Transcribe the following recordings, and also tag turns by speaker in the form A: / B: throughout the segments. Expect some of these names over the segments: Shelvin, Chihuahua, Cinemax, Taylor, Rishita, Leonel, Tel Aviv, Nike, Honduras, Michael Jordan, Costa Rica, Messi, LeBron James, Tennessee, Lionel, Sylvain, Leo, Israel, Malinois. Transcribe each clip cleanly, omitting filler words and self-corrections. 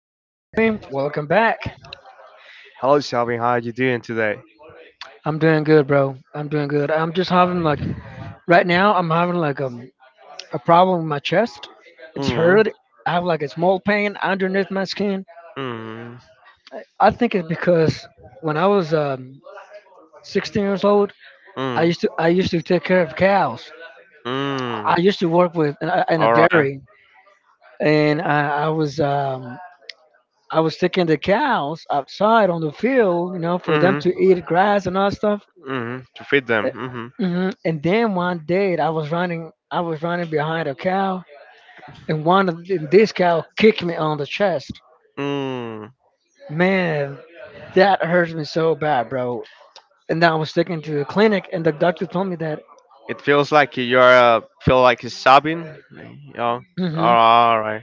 A: Sammy. Welcome back.
B: Hello, Shelvin. How are you doing today?
A: I'm doing good, bro. I'm doing good. I'm just having like right now. I'm having like a problem with my chest. It's
B: Mm,
A: hurt. I have like a small pain underneath my skin.
B: mm,
A: I think it's because when I was 16 years old,
B: mm,
A: I used to take care of cows.
B: mm.
A: I used to work with in a
B: All right.
A: dairy, and I was taking the cows outside on the field, you know, for them
B: Mm,
A: to eat grass and all that stuff.
B: mm. To feed them.
A: And then one day I was running, behind a cow, and this cow kicked me on the chest.
B: Mm-hmm. Mm.
A: Man, that hurts me so bad, bro. And I was taken to the clinic, and the doctor told me that.
B: It feels like you are feel like you sobbing. You know?
A: hmm
B: All right.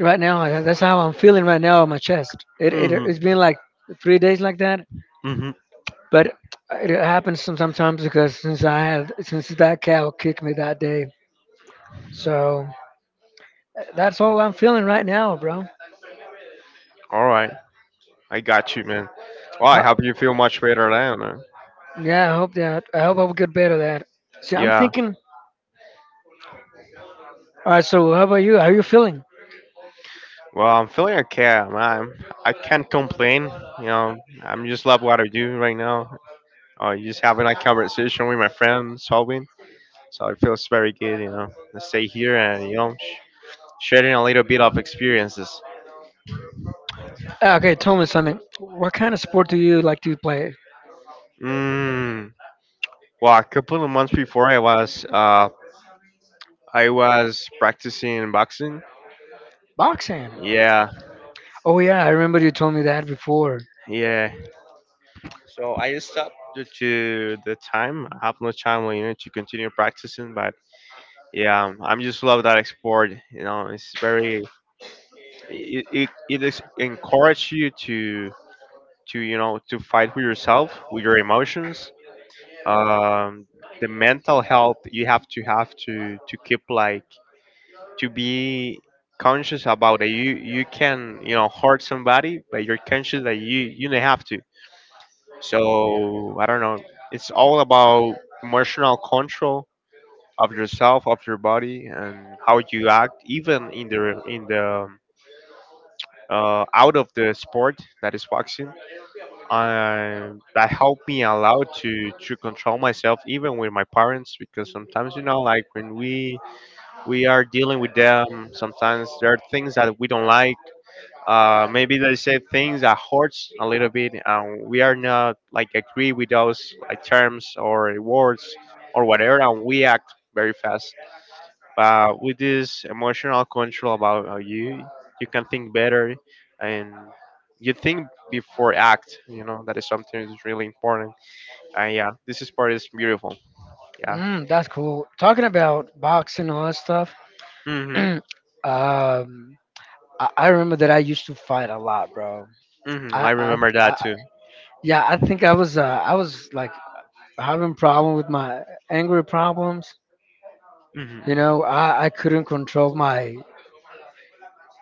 A: Right now, that's how I'm feeling right now on my chest. It it
B: Mhm.
A: it's been like 3 days like that,
B: Mhm.
A: but it happens sometimes because since I had since that cow kicked me that day, so that's all I'm feeling right now, bro.
B: All right. I got you, man. Well, I hope you feel much better now, man.
A: Yeah, I hope that. I hope I will get better at that. See, I'm
B: Yeah.
A: thinking. All right, so how about you? How are you feeling?
B: Well, I'm feeling okay. I'm I can't complain. You know, I'm just love what I do right now. Just having a conversation with my friends, solving. So it feels very good. You know, to stay here and sharing a little bit of experiences.
A: Okay, tell me something. What kind of sport do you like to play?
B: Mm. Well, a couple of months before I was practicing boxing.
A: Boxing.
B: Yeah,
A: Oh yeah, I remember you told me that before.
B: yeah. So I stopped due to the time. I have no time, you know, to continue practicing. But yeah, I'm just love that sport. You know, it's very it is encourage you to to fight with yourself, with your emotions. Um, the mental health you have to to keep like to be conscious about that you can you know hurt somebody but you're conscious that you don't have to so I don't know it's all about emotional control of yourself of your body and how you act even in the out of the sport that is boxing. That helped me allow to control myself even with my parents because sometimes you know like when we are dealing with them sometimes there are things that we don't like. Maybe they say things that hurts a little bit, and we are not like agree with those like terms or words or whatever, and we act very fast. But with this emotional control about you can think better, and you think before act. You know that is something that's really important. And yeah, this is part is beautiful. Yeah.
A: Mm, that's cool. Talking about boxing and all that stuff.
B: Mhm.
A: um, I, I remember that I used to fight a lot, bro.
B: Mhm. I
A: I, I,
B: remember that
A: I
B: too.
A: yeah, I think I was like having problem with my angry problems.
B: Mhm.
A: You know, I couldn't control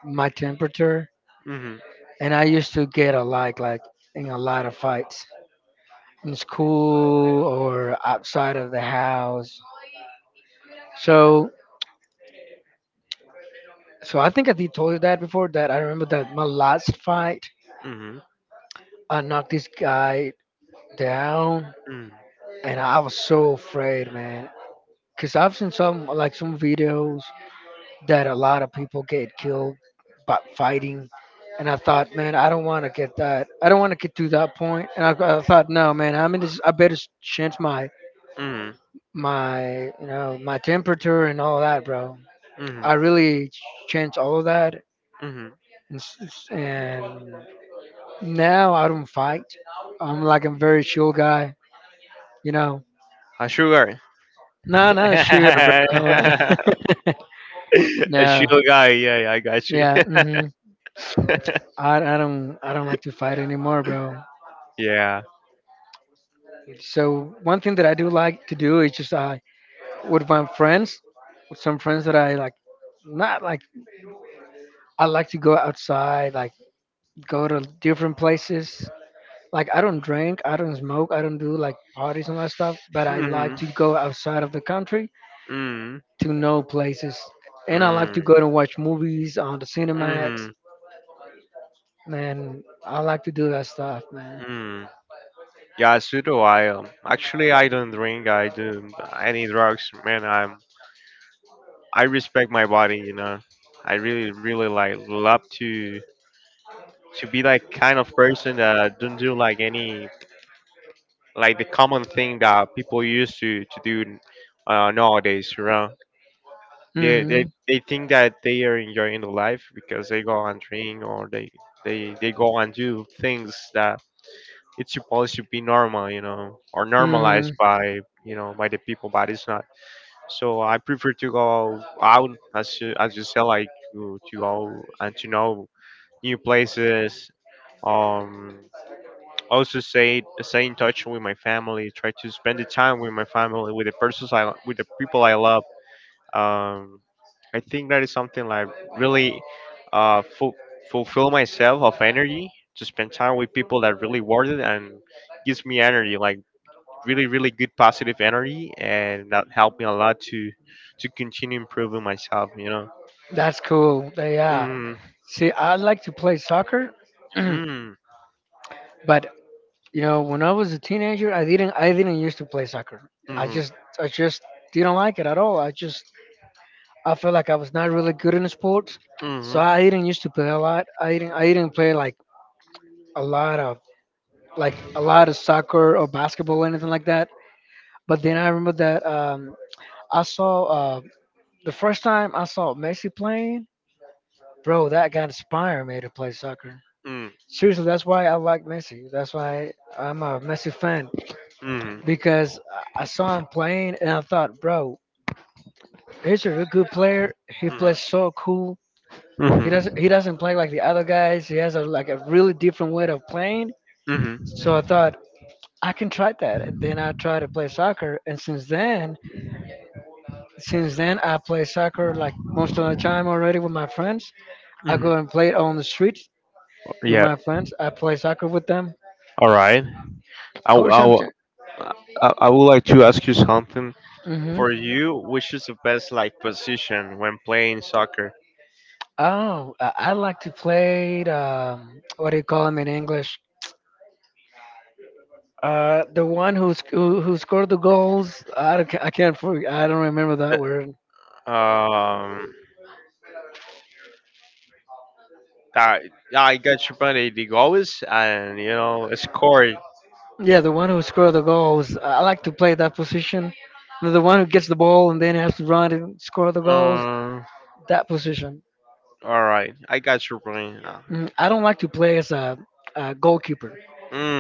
A: my temperature,
B: Mhm.
A: and I used to get a lot, like in a lot of fights in school or outside of the house. So, so I think I did told you that before. That I remember that my last fight,
B: Mhm.
A: I knocked this guy down,
B: Mm.
A: and I was so afraid, man. Cause I've seen some videos that a lot of people get killed by fighting. And I thought, man, I don't want to get that. I don't want to get to that point. And I thought, no, man, I'm in this. I better change
B: Mm.
A: my, you know, my temperature and all that, bro.
B: Mm.
A: I really changed all of that,
B: Mm.
A: and now I don't fight. I'm like a very chill guy, you know.
B: A sugar.
A: No, not sure, bro. Come on.
B: a
A: No,
B: sugar guy. Yeah, yeah, I got you.
A: yeah. I don't like to fight anymore, bro.
B: yeah.
A: So one thing that I do like to do is just I with my friends, with some friends that I like, not like I like to go outside, like go to different places. Like I don't drink, I don't smoke, I don't do like parties and all that stuff. But I like
B: Mm.
A: to go outside of the country
B: Mm.
A: to know places, and I like
B: Mm.
A: to go and watch movies on the Cinemax.
B: Mm.
A: Man, I like to do that stuff, man.
B: Mm. Yeah, so do I. Actually, I don't drink. I do any drugs. Man, I'm. I respect my body. You know. I really, really like love to be that kind of person that don't do like any like the common thing that people used to do nowadays. You know, they they
A: Mhm,
B: they think that they are enjoying the life because they go and drink or they go and do things that it's supposed to be normal, you know, or normalized
A: mhm.
B: by you know by the people, but it's not. So I prefer to go out as you said, like to go and to know new places. Um, Also stay in touch with my family. Try to spend the time with my family, with the persons I with the people I love. Um, I think that is something like really uh, fu- fulfill myself of energy to spend time with people that really worth it and gives me energy, like really really good positive energy, and that helped me a lot to continue improving myself. You know.
A: That's cool. Yeah.
B: Mm,
A: See, I like to play soccer.
B: mm,
A: But you know, when I was a teenager, I didn't used to play soccer.
B: mm,
A: I
B: mm,
A: just I just didn't like it at all. I just I felt like I was not really good in sports, so
B: mm,
A: I didn't used to play a lot. I didn't play like a lot of like a lot of soccer or basketball or anything like that. But then I remember that I saw the first time I saw Messi playing, bro. That got inspired me to play soccer.
B: mm, mm,
A: Seriously, that's why I like Messi. That's why I'm a Messi fan. Because I saw him playing and I thought, bro, he's a real good player. He plays
B: mm,
A: so cool.
B: mm,
A: He doesn't play like the other guys. He has a like a really different way of playing.
B: mm,
A: So I thought I can try that. And then I tried to play soccer. And since then I play soccer like most of the time already with my friends. I
B: mm,
A: go and play it on the streets with
B: Yeah.
A: my friends. I play soccer with them
B: All right. I, w-
A: or
B: I, w-
A: something.
B: I would like to ask you something.
A: hmm
B: For you, which is the best like position when playing soccer?
A: Oh, I like to play. What do you call them in English? The one who who scored the goals. I can't I don't remember that
B: The-
A: word.
B: Um, I, I got you funny. The goal is and you know scoring.
A: Yeah, the one who scored the goals. I like to play that position. The one who gets the ball and then has to run and score the goals.
B: Um,
A: That position.
B: all right, I got your point.
A: Mm, I don't like to play as a goalkeeper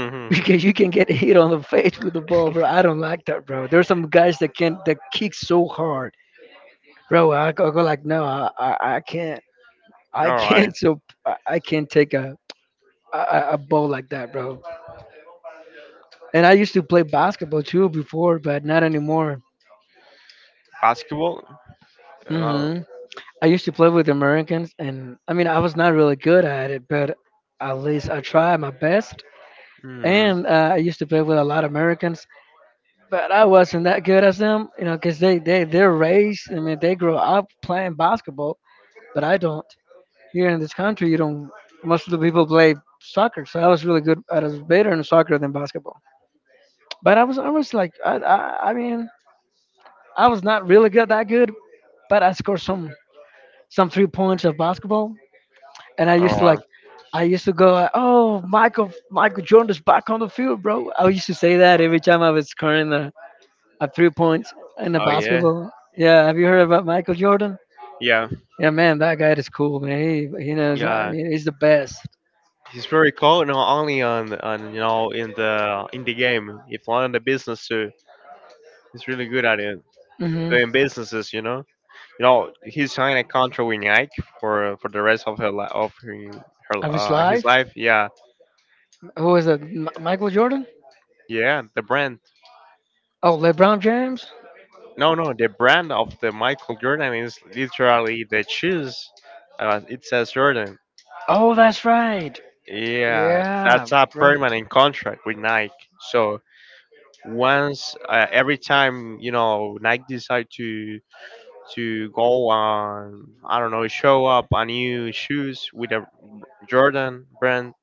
A: because you can get hit on the face with the ball, bro. I don't like that, bro. There's some guys that can that kick so hard, bro. I go like, no, I can't. I
B: All right,
A: can't so I can't take a I ball like that, bro. And I used to play basketball too before, but not anymore.
B: basketball. Uh,
A: hmm I used to play with Americans, and I mean, I was not really good at it, but at least I tried my best.
B: Mhm.
A: And I used to play with a lot of Americans, but I wasn't that good as them, you know, because they're raised, I mean, they grow up playing basketball, but I don't. Here in this country, you don't, most of the people play soccer, so I was really good, I was better in soccer than basketball. But I was almost like I mean I was not really good that good, but I scored some 3 points of basketball, and I
B: All
A: used to like
B: right.
A: I used to go like, oh, Michael Jordan is back on the field, bro. I used to say that every time I was scoring a 3 points in a
B: Oh yeah.
A: basketball. Yeah, have you heard about Michael Jordan?
B: Yeah.
A: Yeah, man, that guy is cool, man. He knows. I
B: Yeah.
A: mean, he's the best.
B: He's very cool not only on you know in the game, if not in the business too. He's really good at it.
A: hmm
B: Doing businesses, you know. You know, he signed a contract with Nike for the rest of her li- of her,
A: Of
B: her
A: his
B: his
A: life.
B: life. Yeah.
A: Who is it? Michael Jordan?
B: Yeah, the brand.
A: Oh, LeBron James.
B: No, no, the brand of the Michael Jordan is literally the shoes. It says Jordan.
A: Oh, that's right.
B: Yeah,
A: Yeah,
B: that's a
A: bro,
B: permanent contract with Nike. So once every time you know Nike decide to go on, I don't know, show up a new shoes with a Jordan brand,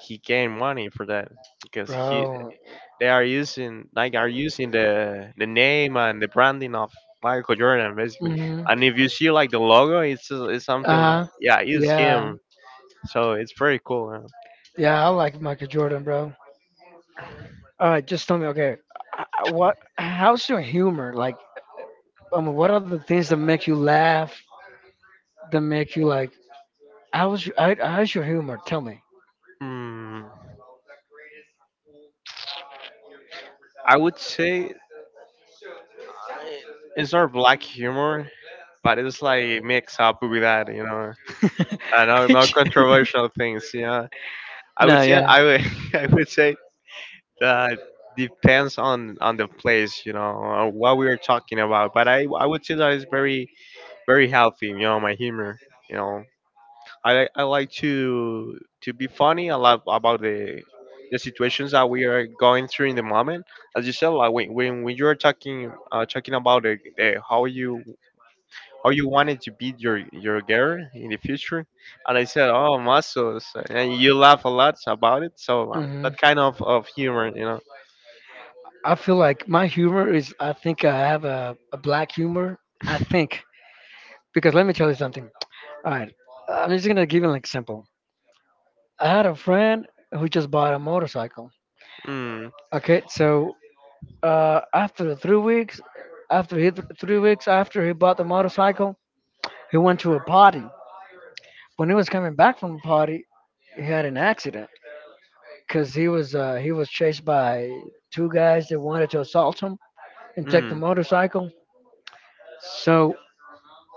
B: he gain money for that because he
A: bro.
B: they are using Nike are using the name and the branding of Michael Jordan basically.
A: Mhm.
B: And if you see like the logo, it's something like
A: Uh,
B: yeah, it's
A: yeah,
B: him. So it's very cool.
A: yeah. I like Michael Jordan, bro. All right, just tell me, okay, what? How's your humor? Like, I mean, what are the things that make you laugh? That make you like? How's your humor? Tell me.
B: Hmm. I would say it's not black humor, but it's like mixed up with that, you know. I know, no controversial things, you know. I would
A: No,
B: say
A: yeah.
B: I would I would say that depends on the place, you know, on what we are talking about. But I would say that it's very very healthy, you know, my humor, you know. I like to be funny. A lot about the situations that we are going through in the moment. As you said, like when you're talking talking about how you wanted to beat your girl in the future, and I said, oh muscles, and you laugh a lot about it. So
A: hmm
B: that kind of humor, you know.
A: I feel like my humor is, I think I have a black humor. I think. Because let me tell you something. All right. I'm just going to give you an example. I had a friend who just bought a motorcycle.
B: Mm,
A: Okay. So after 3 weeks, after he, 3 weeks after he bought the motorcycle, he went to a party. When he was coming back from the party, he had an accident because he was chased by two guys that wanted to assault him and take
B: mm,
A: the motorcycle. So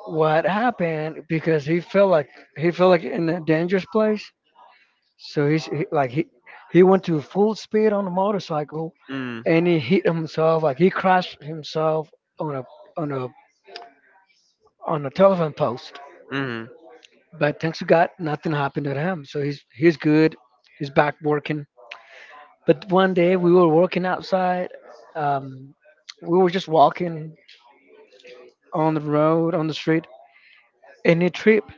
A: what happened? Because he felt like in a dangerous place. So he's he, like he went to full speed on the motorcycle,
B: mm,
A: and he hit himself. Like he crashed himself on a on a on a telephone post.
B: mm.
A: But thanks to God, nothing happened to him. So he's good. He's back working. But one day we were working outside. Um, we were just walking on the street, and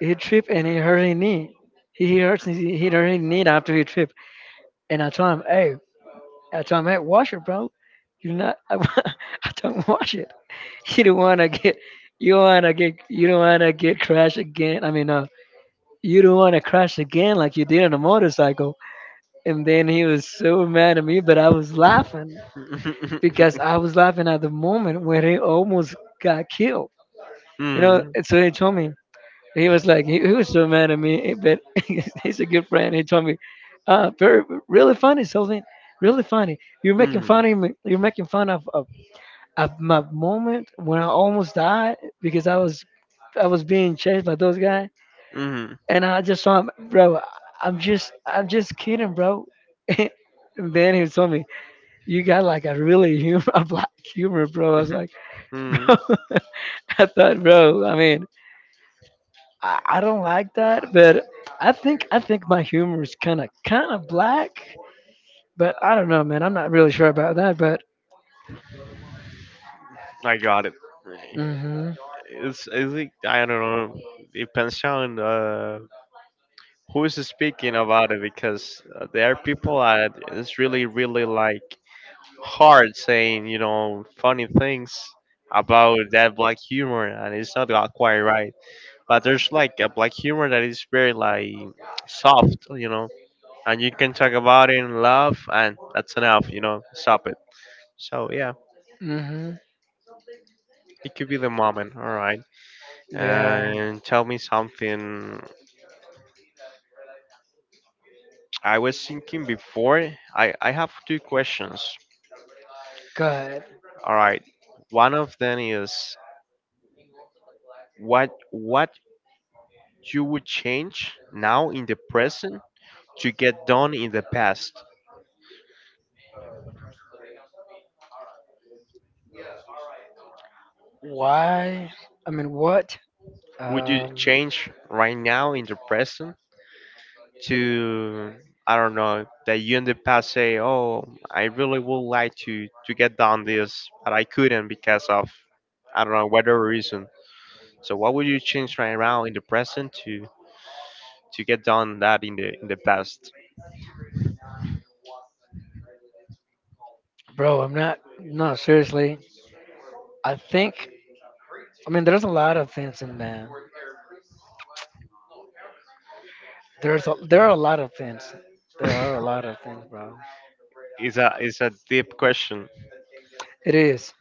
A: he tripped and he hurt his knee. He hurt his knee after he tripped. And I told him, hey, wash it, bro. You not, I told him, wash it. You don't want to get, you don't want to get crashed again. I mean, you don't want to crash again like you did on a motorcycle. And then he was so mad at me, but I was laughing because I was laughing at the moment when he almost got killed. You know,
B: mm,
A: and so he told me, he was so mad at me, but he's a good friend. He told me, uh, very, really funny, Sylvain, really funny. You're making
B: mm.
A: fun of me. You're making fun of, of my moment when I almost died because I was being chased by those guys,
B: Mm,
A: and I just saw him, bro. I'm just kidding, bro. And then he told me, you got like a really humor, a black humor, bro. I was like,
B: mm,
A: I thought, bro. I mean, I don't like that, but I think my humor is kind of black. But I don't know, man. I'm not really sure about that. But
B: I got it.
A: hmm.
B: It's like, I don't know. Depends on who is speaking about it because there are people that it's really, really like hard saying, you know, funny things about that black humor, and it's not got quite right. But there's like a black humor that is very like soft, you know, and you can talk about it and laugh, and that's enough, you know, stop it. So yeah,
A: Mm-hmm.
B: it could be the moment. All right.
A: Yeah.
B: And tell me something. I was thinking before, I have two questions.
A: God,
B: All right. One of them is what you would change now in the present to get done in the past.
A: why? I mean, what?
B: Would you
A: Um,
B: change right now in the present to I don't know that you in the past say, "Oh, I really would like to get done this, but I couldn't because of I don't know whatever reason." So what would you change right now in the present to get done that in the past?
A: bro, I'm not. No, seriously. I think. I mean, there's a lot of things in there. There are a lot of things. There are a lot of things, bro.
B: It's a deep question.
A: It is.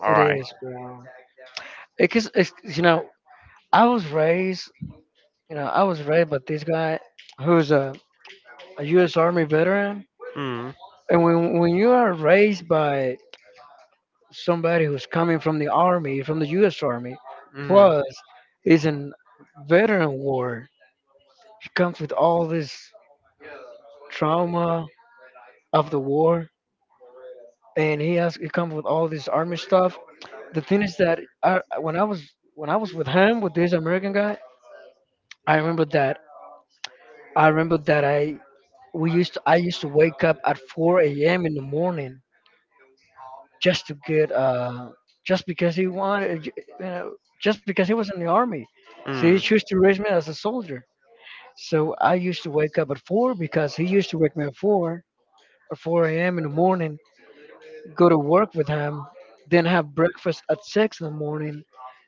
B: All
A: It
B: right.
A: is, bro. Because you know, I was raised. I was right, but this guy, who's a, a U.S. Army veteran.
B: Mm,
A: And when you are raised by somebody who's coming from the Army, from the U.S. Army,
B: mm,
A: plus is an veteran war, he comes with all this trauma of the war, and he comes with all this Army stuff. The thing is that when I was with him with this American guy, I remember that I remember that I we used to, I used to wake up at 4 a.m. in the morning just to get just because he wanted know just because he was in the army. So he
B: mm,
A: chose to raise me as a soldier. So I used to wake up at four because he used to wake me at four or 4 a.m. in the morning, go to work with him, then have breakfast at six in the morning,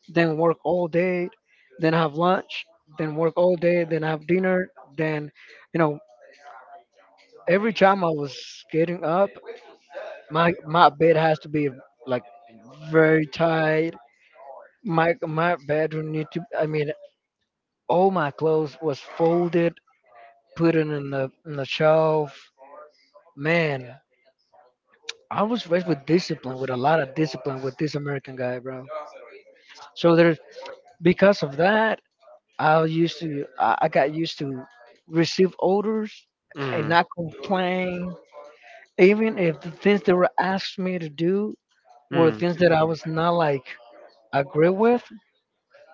A: then work all day, then have lunch, then work all day, then have dinner, then you know every time I was getting up, my bed has to be like very tight. My bedroom need to. I mean, all my clothes was folded, put in the shelf. Man, I was raised with discipline, with a lot of discipline with this American guy, bro. So there's, because of that, I got used to receive orders and
B: mm,
A: not complain, even if the things that were asked me to do were
B: mm,
A: things that I was not like agree with.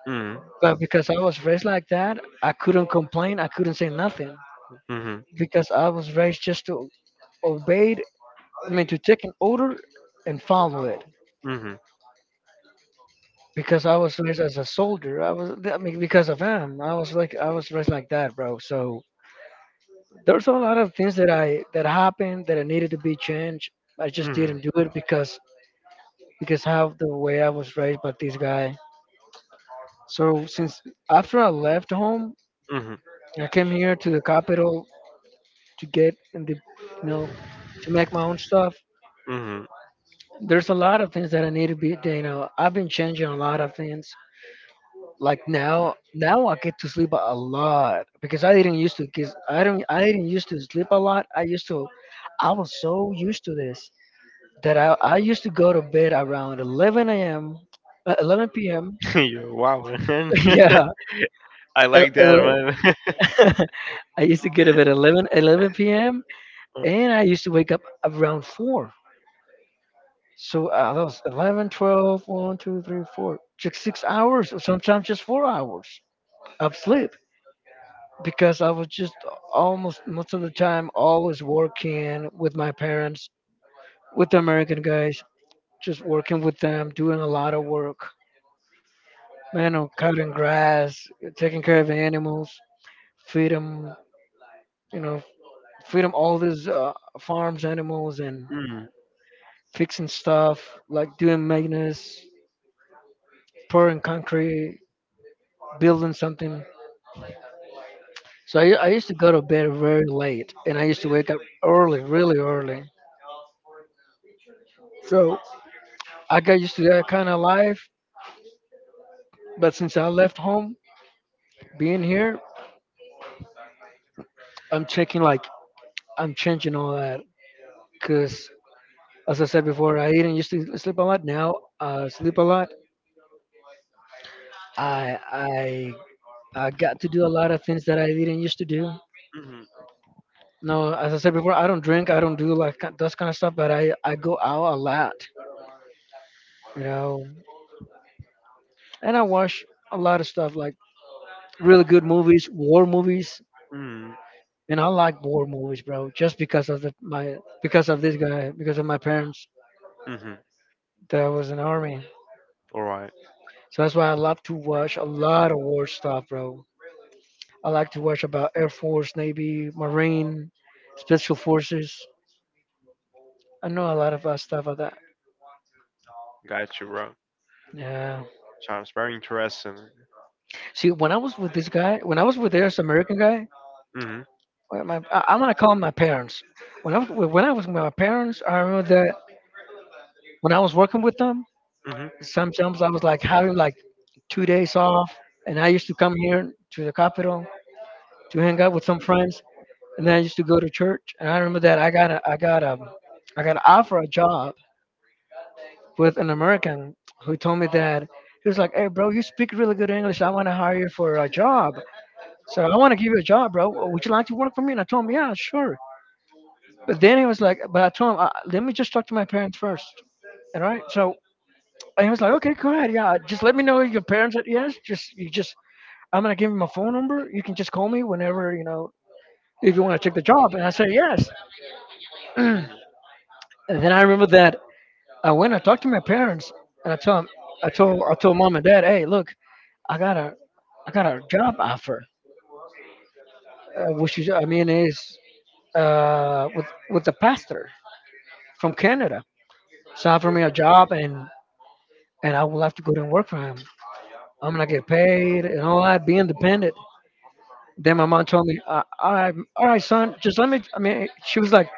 B: mm, mm,
A: But because I was raised like that, I couldn't complain. I couldn't say nothing because I was raised just to obey. I mean, to take an order and follow it. Because I was raised as a soldier. I was. I mean, because of him, I was like I was raised like that, bro. So there's a lot of things that happened that I needed to be changed. I just
B: mm,
A: didn't do it because how the way I was raised by this guy. So since after I left home,
B: mm,
A: I came here to the capital to get in the you know to make my own stuff.
B: mm,
A: There's a lot of things that I need to be that, I've been changing a lot of things. Like now I get to sleep a lot because I didn't used to. Because I didn't used to sleep a lot. I used to, I was so used to this that I used to go to bed around 11 a.m., 11 p.m.
B: mm. Yo, wow, man.
A: Yeah.
B: I
A: el-
B: like that,
A: el-
B: man.
A: I used to get to bed 11, 11 p.m.
B: Mm. Mm.
A: and I used to wake up around 4. So that was 11, 12, 1, 2, 3, 4, just 6 hours, or sometimes just 4 hours of sleep because I was just almost most of the time always working with my parents, with the American guys, just working with them, doing a lot of work. Man, I'm cutting grass, taking care of the animals, feed them, you know, feed them all these farms animals and fixing stuff, like doing maintenance, pouring concrete, building something. So I used to go to bed very late and I used to wake up early, really early. So I got used to that kind of life. But since I left home, being here, I'm checking like I'm changing all that. Cause as I said before, I didn't used to sleep a lot. Now I sleep a lot. I I I got to do a lot of things that I didn't used to do.
B: Mhm.
A: No, as I said before, I don't drink. I don't do like those kind of stuff. But I go out a lot, you know, and I watch a lot of stuff like really good movies, war movies,
B: Mm.
A: and I like war movies, bro. Just because of the, my because of this guy, because of my parents
B: Mhm.
A: that was in the army.
B: All right.
A: So that's why I love to watch a lot of war stuff, bro. I like to watch about Air Force, Navy, Marine, Special Forces. I know a lot of stuff about that.
B: Got you, bro.
A: Yeah.
B: Sounds very interesting.
A: See, when I was with this guy, when I was with this American guy,
B: Hmm
A: I'm gonna call him my parents. When I was with my parents, I remember that when I was working with them,
B: hmm hmm
A: sometimes I was like having like 2 days off, and I used to come here to the capital to hang out with some friends, and then I used to go to church. And I remember that I got offered a job with an American who told me that he was like, "Hey, bro, you speak really good English. I want to hire you for a job." So I want to give you a job, bro. Would you like to work for me? And I told him, yeah, sure. But then he was like, but I told him, let me just talk to my parents first. All right. So and he was like, okay, go ahead. Yeah, just let me know if your parents said yes. Just you just I'm gonna give him my phone number. You can just call me whenever if you want to check the job. And I said yes. And then I remember that I talked to my parents and I told mom and dad, hey, look, I got a I got a job offer, which is I mean is with the pastor from Canada. So offered me a job, and I will have to go there and work for him. I'm gonna get paid and all that, be independent. Then my mom told me, all right, son, just let me. I mean, she was like,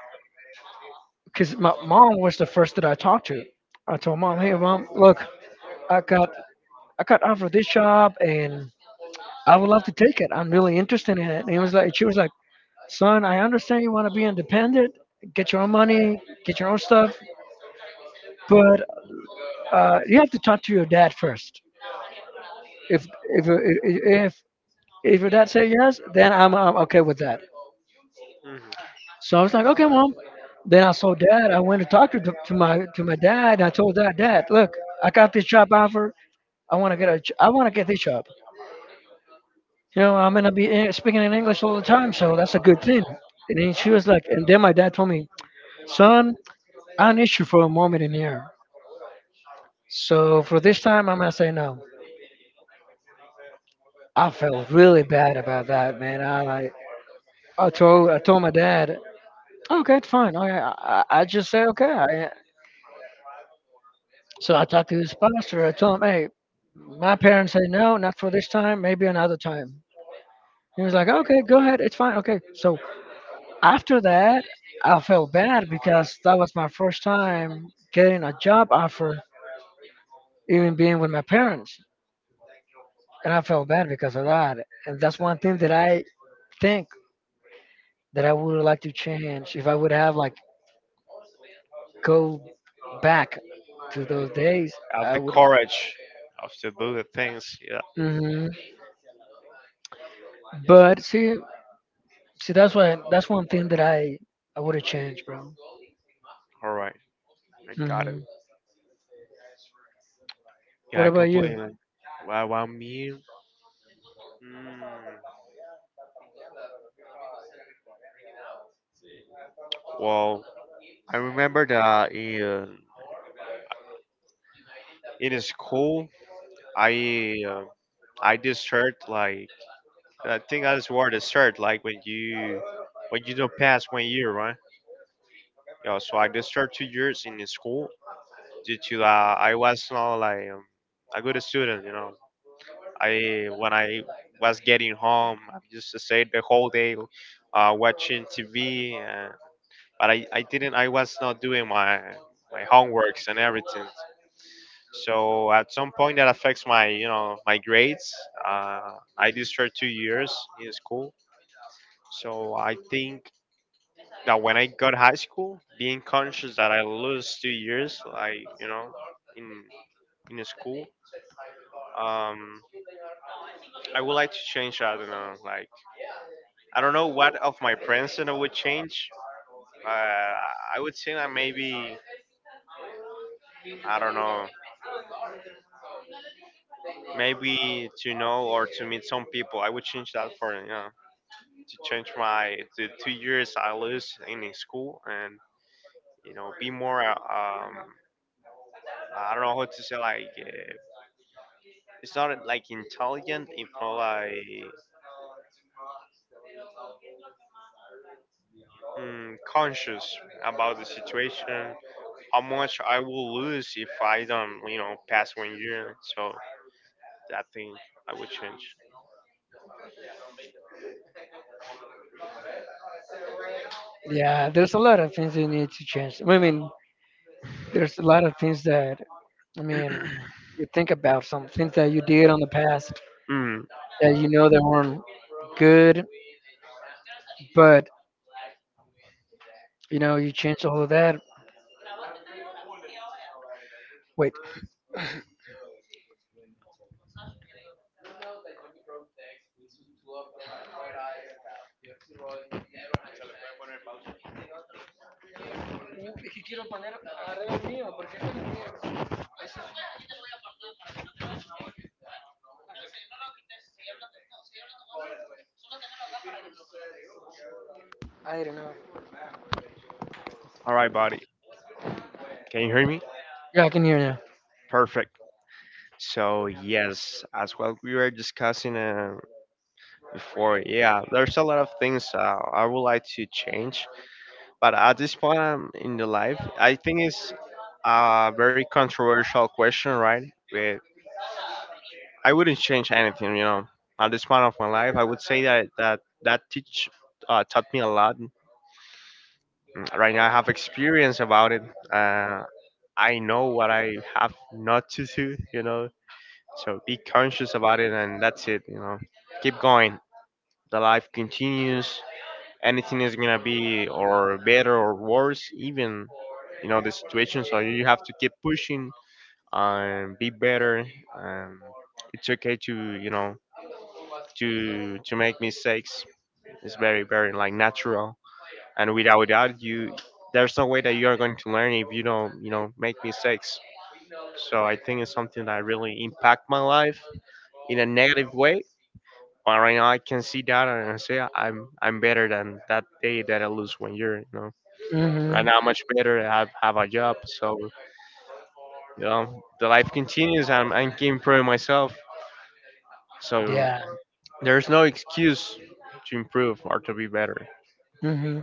A: because my mom was the first that I talked to. I told mom, hey, mom, look, I got I got offered this job, and I would love to take it. I'm really interested in it. And it was like, she was like, son, I understand you want to be independent, get your own money, get your own stuff, but you have to talk to your dad first. If if if your dad say yes, then I'm okay with that.
B: hmm
A: So I was like, okay, mom. Then I saw dad. I went to my dad. And I told dad, dad, look, I got this job offer. I want to get a I want to get this job. You know, I'm gonna be speaking in English all the time, so that's a good thing. And then she was like, and then my dad told me, son, I need you for a moment in here. So for this time, I'm gonna say no. I felt really bad about that, man. I told my dad, okay, fine. I just said okay. I, so I talked to his pastor. I told him, hey, my parents say no, not for this time. Maybe another time. He was like, okay, go ahead, it's fine. Okay. So after that, I felt bad because that was my first time getting a job offer, even being with my parents, and I felt bad because of that. And that's one thing that I think that I would like to change if I would have like go back to those days.
B: Have
A: I
B: the
A: would.
B: courage of to do the things. Yeah.
A: Hmm. But see, see, that's why that's one thing that I would have changed, bro.
B: All right. I got it.
A: Hmm. What
B: Yeah,
A: about you?
B: completely. Well, well me, mm, well, I remember that in school, I uh, I did shirt like I think I just wore the shirt like when you don't pass 1 year, right? Yeah, so I did start 2 years in the school due to that I was not like a good student, you know. I was getting home, I used to stay the whole day watching TV. But I was not doing my my homeworks and everything. So at some point that affects my you know my grades. I did serve 2 years in school. So I think that when I got high school, being conscious that I lose 2 years, like you know, in in school, um, I would like to change. I don't know, like I don't know what of my friends that I would change, but I would say that maybe I don't know maybe to know or to meet some people. I would change that for you know to change my the 2 years I lose in the school and you know be more I don't know how to say like it's not like intelligent it's not like conscious about the situation how much I will lose if I don't you know pass 1 year so that thing I would change.
A: Yeah, there's a lot of things you need to change. I mean, there's a lot of things that, I mean, you think about some things that you did on the past
B: Mm,
A: that you know that weren't good, but you know you changed all of that. Wait, I don't know.
B: all right, buddy. Can you hear me?
A: Yeah, I can hear you.
B: Perfect. So yes, as well we were discussing before, yeah, there's a lot of things I would like to change, but at this point in the life, I think it's a very controversial question, right? Where I wouldn't change anything, you know. At this point of my life, I would say that teach taught me a lot. Right now, I have experience about it. Uh, I know what I have not to do, you know. So be conscious about it and that's it, you know. Keep going. The life continues. Anything is gonna be or better or worse, even you know, the situation. So you have to keep pushing and be better and it's okay to, you know, to make mistakes. It's very like natural. And without that you there's no way that you are going to learn if you don't, you know, make mistakes. So I think it's something that really impact my life in a negative way. But right now I can see that and I say, "I- am I'm better than that day that I lose 1 year. You know, right
A: Hmm.
B: now I'm much better. I have a job, so you know, the life continues. I'm improving myself, so
A: Yeah.
B: there's no excuse to improve or to be better."
A: Hmm.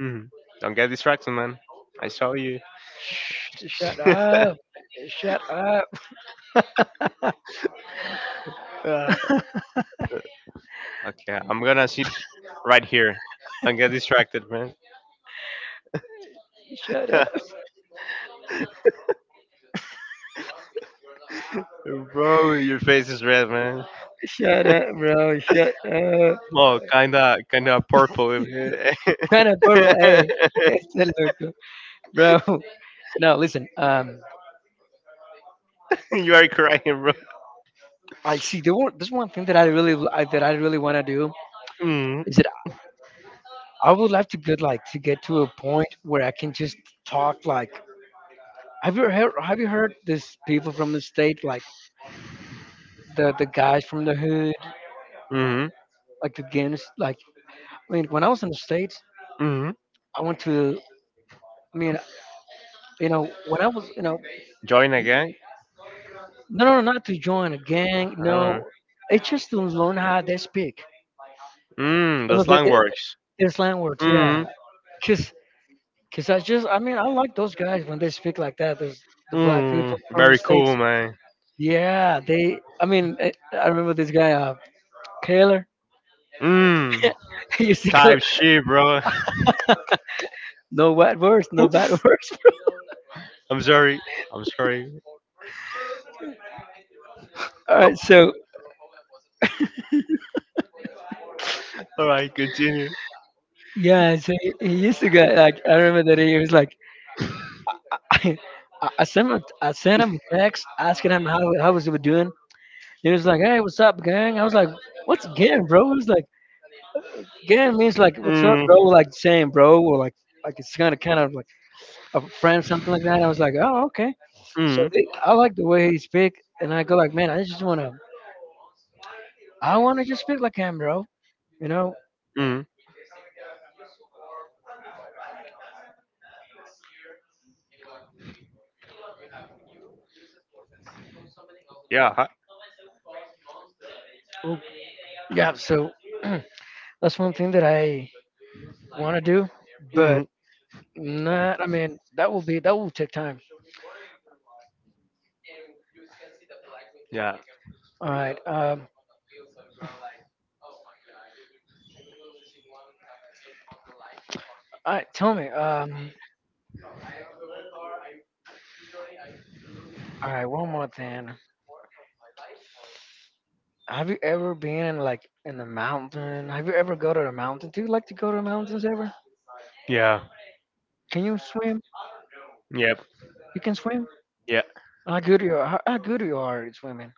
B: Mhm. Don't get distracted, man. I saw you.
A: Shut up. Shut up.
B: Ah. Okay, I'm gonna sit right here. Don't get distracted, man.
A: Shut up.
B: Bro, your face is red, man.
A: Shut up, bro. Shut up.
B: Oh, kinda purple in here.
A: Kind of purple. Hey, it's a logo, bro. No, listen.
B: You are crying, bro.
A: I see. There's one thing that I really that I really want to do
B: Mm.
A: is that I would like to get to a point where I can just talk like. Have you heard? Have you heard this people from the state like the guys from the hood,
B: Mm.
A: like the gangs. Like I mean, when I was in the states,
B: Mm.
A: I went to. I mean, you know, when I was, you know,
B: Join again.
A: no, no, no, not to join a gang.
B: Oh.
A: No, it's just to learn how they speak.
B: Mm.
A: And
B: The
A: look,
B: slang works.
A: their slang words, yeah.
B: Mm.
A: Cause, 'cause I just, I mean, I like those guys when they speak like that. There's the black
B: Mm.
A: people from the
B: Very
A: states.
B: cool, man.
A: Yeah, they. I remember this guy, Taylor.
B: Mm.
A: He used to go,
B: Type shit, bro.
A: no bad words, no bad words.
B: I'm sorry. I'm sorry.
A: All right, so
B: All right, continue.
A: yeah, so he used to get like I remember that he was like I, I sent him a text asking him how was he doing. He was like, "Hey, what's up, gang?" I was like, "What's gang, bro?" He was like, "Gang means like what's up,
B: Mm.
A: bro?" Like saying bro or like it's kind of like a friend something like that. And I was like, "Oh, okay." So
B: Mm.
A: they, I like the way he speak, and I go like, "Man, I just wanna I wanna just speak like him, bro." You know?
B: Mm. Yeah. Hi.
A: Oh, yeah. So. That's one thing that I want to do,
B: Hmm.
A: but not. I mean, that will take time.
B: Yeah.
A: All right. All right. Tell me. All right. One more thing. Have you ever been in like in the mountain? Have you ever go to the mountain? Do you like to go to the mountains ever?
B: Yeah.
A: Can you swim?
B: Yep.
A: You can swim.
B: Yeah.
A: How good you are? How good you are at swimming?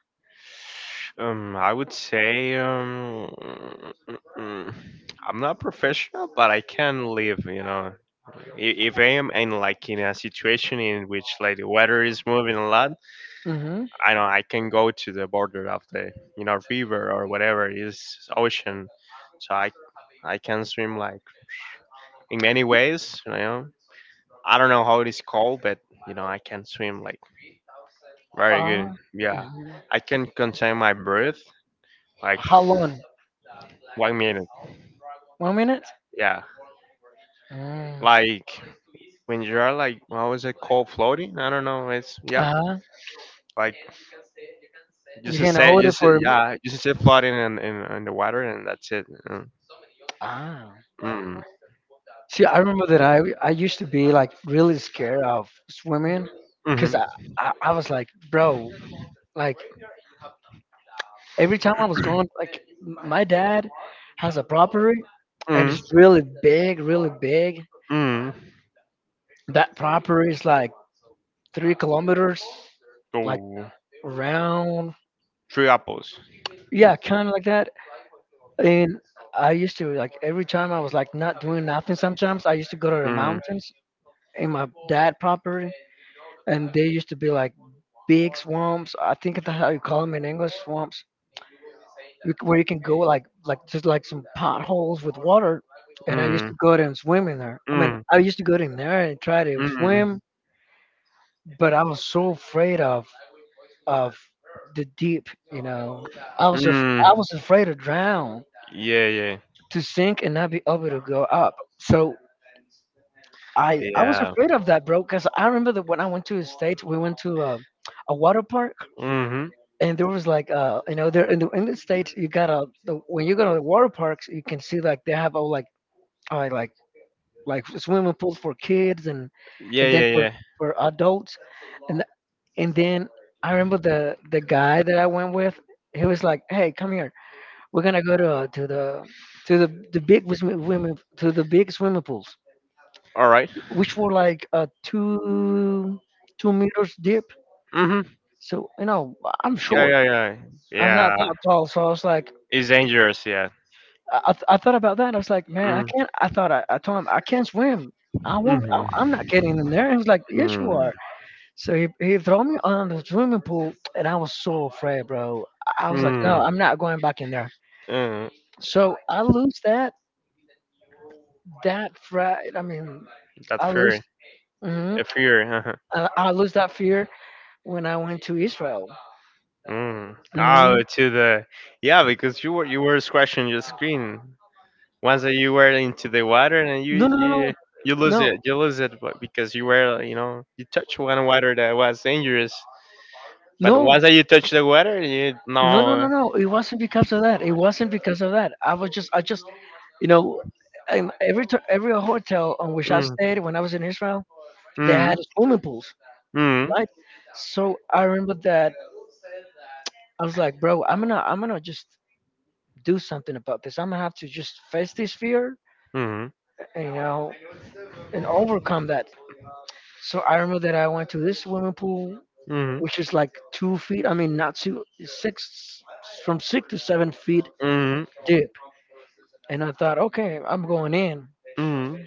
B: I would say mm, I'm not professional, but I can live. You know, if I am in like in a situation in which like the weather is moving a lot,
A: Mm-hmm.
B: I know I can go to the border of the you know river or whatever it is ocean, so I can swim like in many ways. You know, I don't know how it is called, but you know, I can swim like very
A: Uh,
B: good. Yeah,
A: mhm.
B: I can contain my breath like
A: How long?
B: 1 minute.
A: 1 minute?
B: Yeah,
A: Mm.
B: like when you are like how is it called floating? I don't know. It's yeah,
A: Uh-huh.
B: like
A: You
B: just to
A: can
B: say
A: hold it
B: just to-
A: for.
B: yeah, just to say floating in the water and that's it. Mm.
A: Ah.
B: Mm.
A: See, I remember that I used to be like really scared of swimming, cause
B: Mhm.
A: I was like, bro, like every time I was going, like my dad has a property and
B: Mhm.
A: it's really big, really big.
B: Mm.
A: That proper is like 3 kilometers, like
B: Oh,
A: round.
B: three apples.
A: Yeah, kind of like that. And I used to like every time I was like not doing nothing. Sometimes I used to go to the
B: Mm.
A: mountains in my dad property, and they used to be like big swamps. I think that's how you call them in English, swamps, where you can go like just like some potholes with water. And I used
B: Mm,
A: to go there and swim in there. I mean,
B: mm,
A: I used to go in there and try to
B: mm,
A: swim but I was so afraid of the deep. You know,
B: mm.
A: I was afraid to drown,
B: Yeah, yeah,
A: to sink and not be able to go up. So I was
B: yeah.
A: afraid of that, bro. Cause I remember that when I went to the states, we went to a water park,
B: Mm-hmm.
A: and there was like you know there in the states you gotta the, when you go to the water parks you can see like they have all uh, like like swimming pools for kids
B: Yeah,
A: and then
B: yeah, yeah.
A: for adults, and. And then I remember the guy that I went with. He was like, "Hey, come here. We're gonna go to the swimming to the big swimming pools,
B: All right.
A: which were like two two meters deep.
B: Mm-hmm.
A: So you know, I'm
B: Yeah,
A: short.
B: yeah, yeah.
A: I'm not
B: Yeah.
A: that tall. So I was like,
B: It's dangerous. Yeah.
A: I thought about that. I was like, man, I
B: Mm,
A: can't. I thought I told him I can't swim. I won't.
B: mm-hmm.
A: I'm not getting in there. And he was like, yes, you
B: Mm,
A: are. So he threw me on the swimming pool, and I was so afraid, bro. I was like, no,
B: mm,
A: I'm not going back in there.
B: mm.
A: So I lose that fright. I mean,
B: That
A: I lose.
B: fear.
A: Hmm.
B: The fear. Uh-huh.
A: I lose that fear when I went to Israel.
B: Mm. Oh,
A: Hmm.
B: to the yeah, because you were scratching your screen. Once that you were into the water and
A: No, no, no, no, no,
B: you lose it but because you were you know you touch one water that was dangerous. But
A: no,
B: once that you touch the water, you
A: no, no, no,
B: no.
A: no. It wasn't because of that. It wasn't because of that. I was just, I just, you know, and every every hotel on which I
B: Mm,
A: stayed when I was in Israel, they had
B: mm,
A: swimming pools,
B: mm,
A: right? So I remember that I was like, bro, I'm gonna just do something about this. I'm gonna have to just face this fear,
B: mm,
A: and, you know, and overcome that. So I remember that I went to this swimming pool,
B: mm,
A: which is like 2 feet. I mean, not two, six, from 6 to 7 feet deep. And I thought, okay, I'm going in.
B: mm,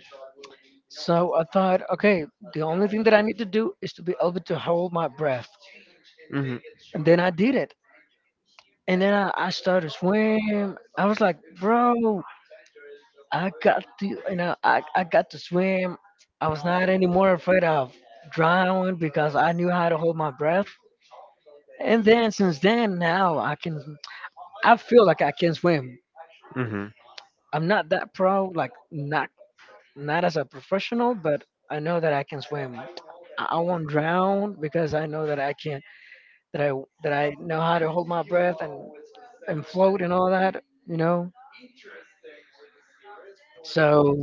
A: So I thought, okay, the only thing that I need to do is to be able to
B: mm.
A: hold my breath.
B: Hmm.
A: And then I did it. And then I started swim. I was like, bro, I got to swim. I was not anymore afraid of drowning because I knew how to hold my breath. And then since then, I feel like I can swim.
B: Hmm.
A: I'm not that pro, like not not as a professional, but I know that I can swim. I won't drown because I know that I can, that I that I know how to hold my breath and float and all that, you know. So.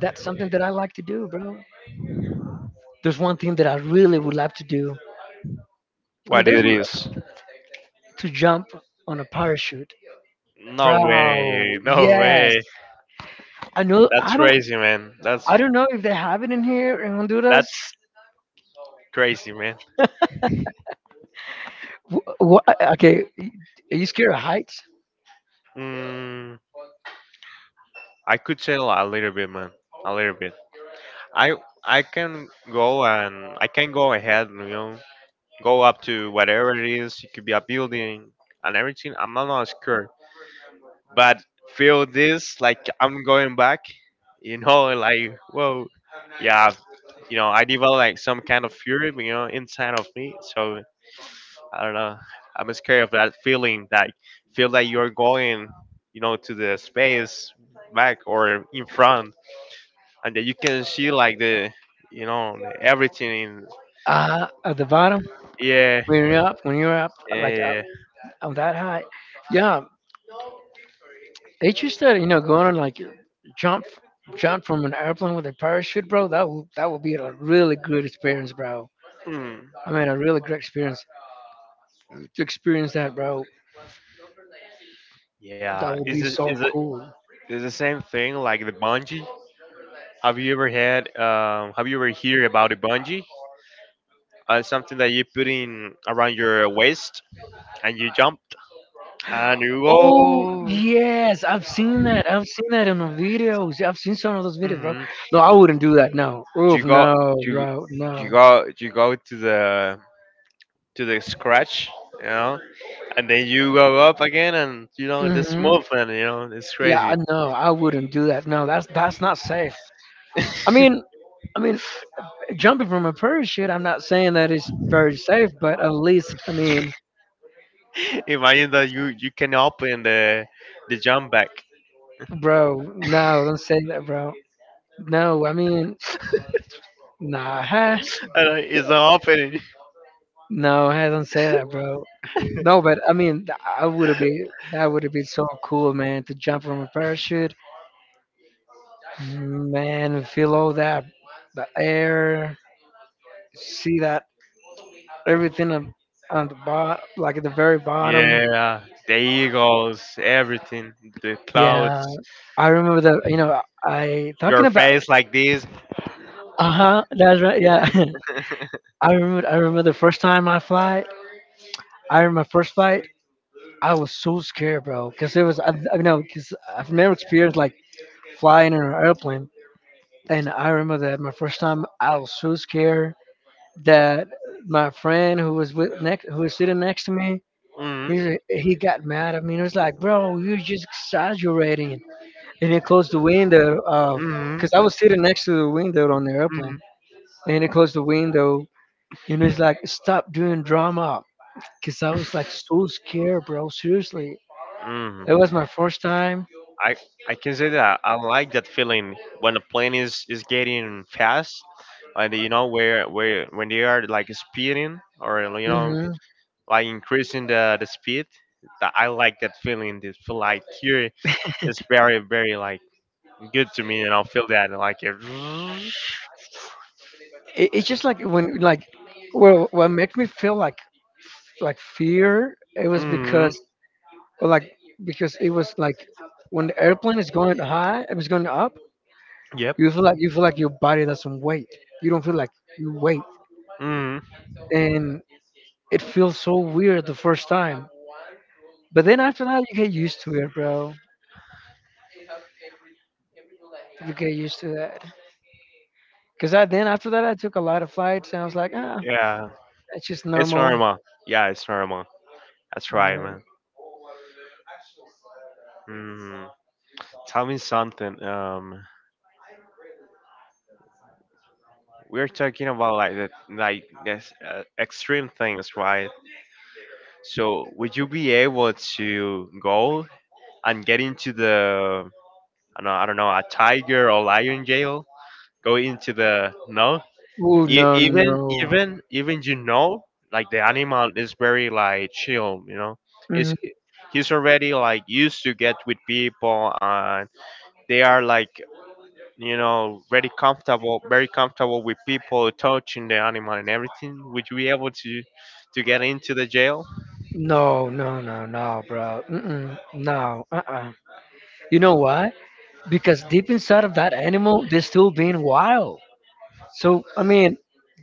A: That's something that I like to do, bro. There's one thing that I really would love to do. I mean,
B: What it is?
A: to jump on a parachute,
B: No
A: bro.
B: way! No
A: Yes,
B: way!
A: I know.
B: That's
A: I don't.
B: crazy, man. That's
A: I don't know if they have it in here in Honduras.
B: that's crazy, man.
A: What, okay, are you scared of heights?
B: Mm, I could tell a little bit, man. A little bit. I I can go and I can go ahead, and, you know, go up to whatever it is. It could be a building and everything. I'm not scared, but feel this like I'm going back, you know, like whoa, yeah, you know, I develop like some kind of fury, you know, inside of me. So I don't know, I'm scared of that feeling that feel that you're going, you know, to the space back or in front, and that you can see like the, you know, everything in,
A: At the bottom
B: yeah,
A: when you're up, when you're up like
B: yeah,
A: up
B: yeah.
A: on that height, yeah. It's just that you know going on like jump, jump from an airplane with a parachute, bro. That would be a really good experience, bro.
B: Mm.
A: I mean, a really great experience. To experience that, bro,
B: Yeah,
A: that would
B: is
A: be
B: this is
A: so
B: it
A: cool.
B: is the same thing like the bungee? Have you ever had have you ever heard about the bungee? Something that you put in around your waist and you jumped and you
A: Oh
B: go.
A: yes, I've seen that. I've seen that in the videos. Yeah, I've seen some of those videos, bro.
B: Hmm.
A: No, I wouldn't do that. No,
B: you
A: oof,
B: go
A: no,
B: you
A: bro, no.
B: you go to the scratch, you know, and then you go up again and you know this
A: Hmm.
B: movement, you know, it's
A: Yeah,
B: crazy.
A: I know. I wouldn't do that. No, that's not safe. I mean, I mean, jumping from a parachute. I'm not saying that is very safe, but at least, I mean,
B: Imagine that you can open the jump back.
A: bro, no, don't say that, bro. No, I mean, nah,
B: And it's opening.
A: no, I don't say that, bro. No, but I mean, I would have been that would have been so cool, man, to jump from a parachute, man, feel all that, the air, see that everything on the bottom, like at the very bottom.
B: Yeah, the eagles, everything, the
A: Yeah,
B: clouds,
A: I remember the, you know, I
B: your
A: talking about,
B: face like this.
A: uh huh, that's right, yeah. I remember the first time I fly. I remember my first flight. I was so scared, bro, because it was, I know, because I've never experienced like flying in an airplane. And I remember that my first time, I was so scared that my friend who was with next, who was sitting next to me,
B: Mm-hmm.
A: he got mad at me, and he was like, "Bro, you're just exaggerating." And he closed the window of,
B: Mm-hmm.
A: cause I was sitting next to the window on the airplane, and he closed the window. And he's like, "Stop doing drama," cause I was like so scared, bro. Seriously, it
B: Mm-hmm.
A: was my first time.
B: I I can say that I like that feeling when a plane is getting fast, and you know where when they are like speeding or you know
A: Hmm.
B: like increasing the speed that I like that feeling. This feel like here is very like good to me and I'll feel that like it.
A: It's just like when like well what makes me feel like like fear it was
B: Mm.
A: because or like because it was like when the airplane is going high it was going up
B: Yep.
A: you feel like your body doesn't weight you don't feel like you weight
B: Hmm.
A: and it feels so weird the first time but then after that you get used to it bro you get used to that because I then after that I took a lot of flights and I was like ah
B: Yeah,
A: it's just
B: it's
A: normal.
B: normal. Yeah, it's normal. That's right,
A: Yeah.
B: man. Hmm. Tell me something. We're talking about like the like this extreme things, right? So would you be able to go and get into the I don't know a tiger or lion jail? Go into the no?
A: Ooh,
B: E-
A: no, no.
B: even even even you know like the animal is very like chill, you know. It's
A: Mhm.
B: he's already like used to get with people and they are like you know very comfortable with people touching the animal and everything. Would you be able to get into the jail?
A: No, no, no, no, bro. Mm-mm, no, uh-uh. You know why? Because deep inside of that animal, they're still being wild. So, I mean,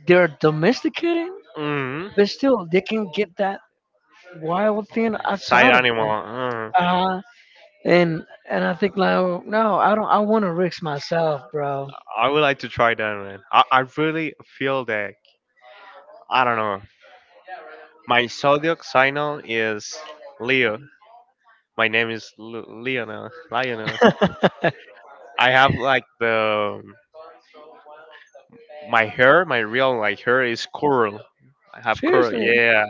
A: they're domesticating,
B: Hmm.
A: but still, they can get that wild thing
B: Side
A: outside of
B: animal.
A: them. Uh, and I think like, oh, no, I don't. I want to risk myself, bro.
B: I would like to try that, man. I really feel that. I don't know. My zodiac sign is Leo. My name is Leonel. Lionel. I have like the my hair, my real like hair is curl. I have curl,
A: Seriously.
B: yeah.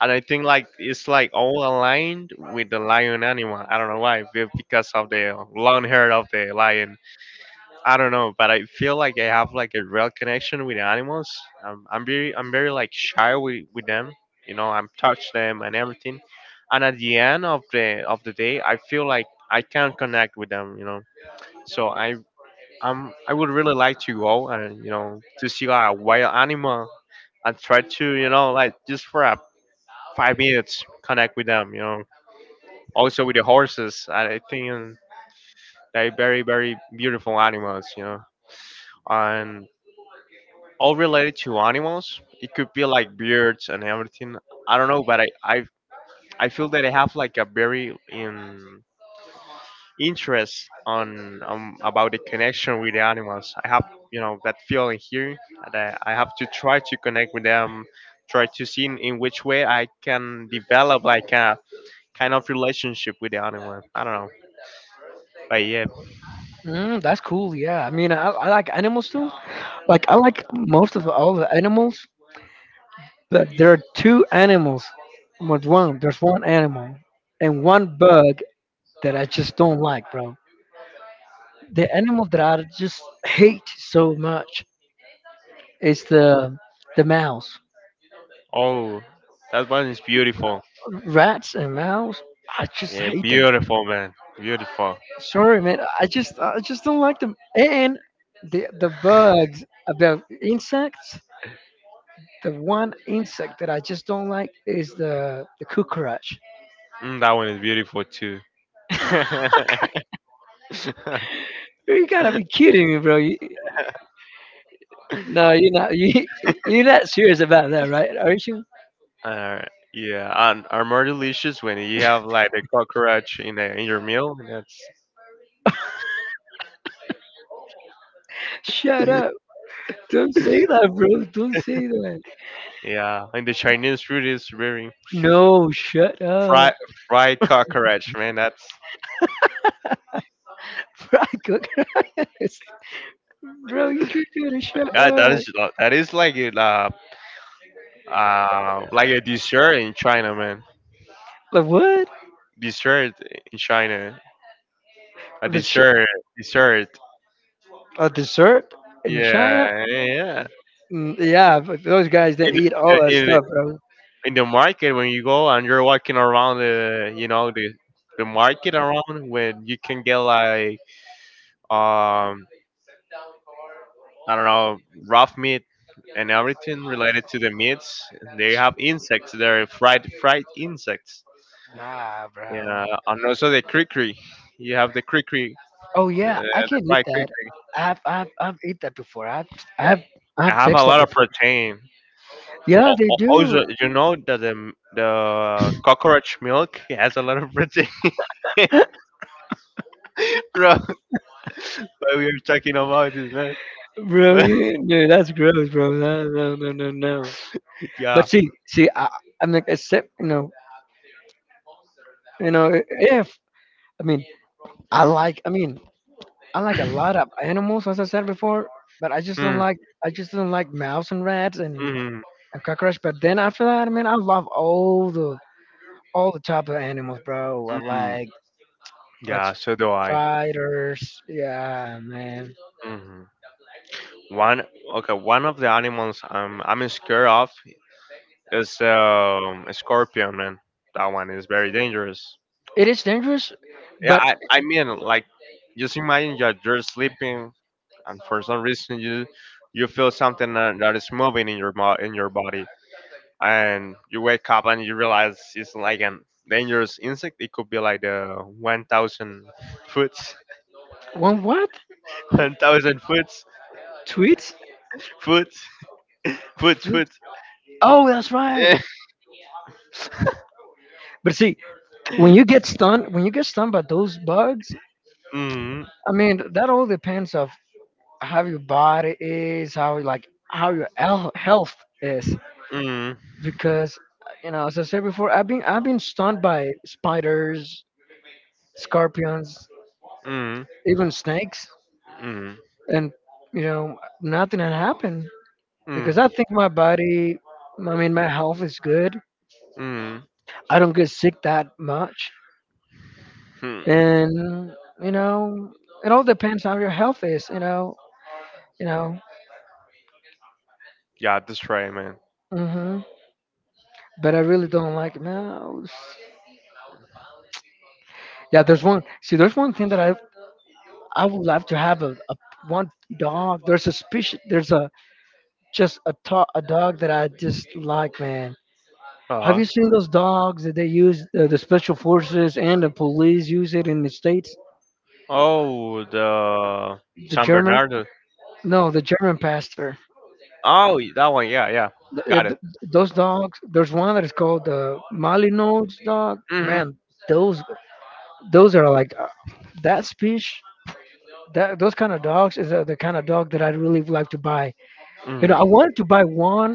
B: And I think like it's like all aligned with the lion animal. I don't know why, because of the long hair of the lion. I don't know, but I feel like I have like a real connection with animals. I'm very like shy with them. You know, I'm touch them and everything. And at the end of the day, I feel like I can connect with them. You know, so I would really like to go and you know to see like a wild animal and try to you know like just for a 5 minutes connect with them. You know, also with the horses. I think they're very beautiful animals. You know, and all related to animals. It could be like birds and everything. I don't know, but I feel that I have like a very interest on about the connection with the animals. I have you know that feeling here that I have to try to connect with them, try to see in which way I can develop like a kind of relationship with the animal. I don't know, but yeah.
A: Mm, that's cool. Yeah, I mean, I like animals too. Like I like most of all the animals, but there are two animals. But one, there's one animal and one bug that I just don't like, bro. The animal that I just hate so much is the mouse.
B: Oh, that one is beautiful.
A: Rats and mouse, I just
B: Yeah,
A: hate them.
B: beautiful man, beautiful.
A: Sorry, man. I just don't like them. And the bugs, the insects. The one insect that I just don't like is the cockroach.
B: Mm, that one is beautiful too.
A: You gotta be kidding me, bro. You, no, you're not. You you're not serious about that, right? Are you?
B: uh, yeah, and are more delicious when you have like the cockroach in the in your meal. That's
A: Shut up! Don't say that, bro. Don't say that.
B: yeah, and the Chinese food is very
A: No, shut
B: fried
A: up.
B: fried cockroach, man. That's
A: Fried cockroach. Bro, you better shut
B: that, that
A: up.
B: is that is like a dessert in China, man.
A: Like what?
B: Dessert in China, a
A: The ch-
B: dessert dessert.
A: A dessert in China?
B: Yeah, yeah, yeah.
A: Mm, yeah, but those guys they
B: In
A: eat all that
B: In,
A: stuff, bro.
B: in the market when you go and you're walking around the you know the market around when you can get like um I don't know rough meat and everything related to the meats. They have insects there, fried insects.
A: Nah,
B: Yeah,
A: bro.
B: and also the crickery. You have the crickery,
A: Oh yeah, I
B: the
A: can eat
B: fried
A: that.
B: crickery.
A: I've eat that before. I've
B: That
A: I've
B: that
A: I've
B: have a
A: texted that
B: lot of
A: before.
B: protein.
A: Yeah, they
B: Also,
A: do.
B: you know that the cockroach milk has a lot of protein. Bro. But we are talking about this, man.
A: Bro, you, no, that's gross, bro. No, no, no, no, no.
B: Yeah.
A: But see, I, I'm like, except you know, if I mean, I like, I mean, I like a lot of animals, as I said before, but I just don't
B: Mm,
A: like, I just don't like mouse and rats and
B: mm,
A: cockroach. But then after that, I mean, I love all the type of animals, bro. I
B: mm.
A: like like
B: Yeah, so do I.
A: spiders. Yeah, man.
B: Hmm. One okay, one of the animals I'm scared of is a scorpion, man. That one is very dangerous.
A: It is dangerous,
B: Yeah,
A: but
B: I mean like just imagine you're sleeping and for some reason you feel something that is moving in your body. And you wake up and you realize it's like an dangerous insect. It could be like the 1,000 foot,
A: one what? Like
B: 1,000
A: tweets?
B: foot,
A: Food?
B: foot.
A: Oh, that's right. But see,
B: Mm,
A: when you get stung by those bugs,
B: mm,
A: I mean, that all depends of how your body is, how your health is.
B: mm,
A: Because you know, as I said before, I've been stung by spiders, scorpions,
B: mm,
A: even snakes, and you know nothing had happened
B: mm,
A: because I think my body, I mean my health is good.
B: mm.
A: I don't get sick that much,
B: Hmm.
A: and you know it all depends how your health is. You know, you know.
B: Yeah, that's right, man.
A: hmm But I really don't like it. No, yeah, there's one. See, there's one thing that I would love to have a one dog. There's a species. There's a a dog that I just like, man. Have
B: Uh-huh.
A: you seen those dogs that they use the special forces and the police use it in the states?
B: Oh, the
A: The
B: San
A: German,
B: Bernardo.
A: no, the German pastor.
B: Oh, that one. Yeah, yeah. Got it.
A: Those dogs. There's one that is called the Malinois dog.
B: Hmm.
A: Man, those are like that speech. That those kind of dogs is the kind of dog that I'd really like to buy. You know,
B: Hmm.
A: I wanted to buy one,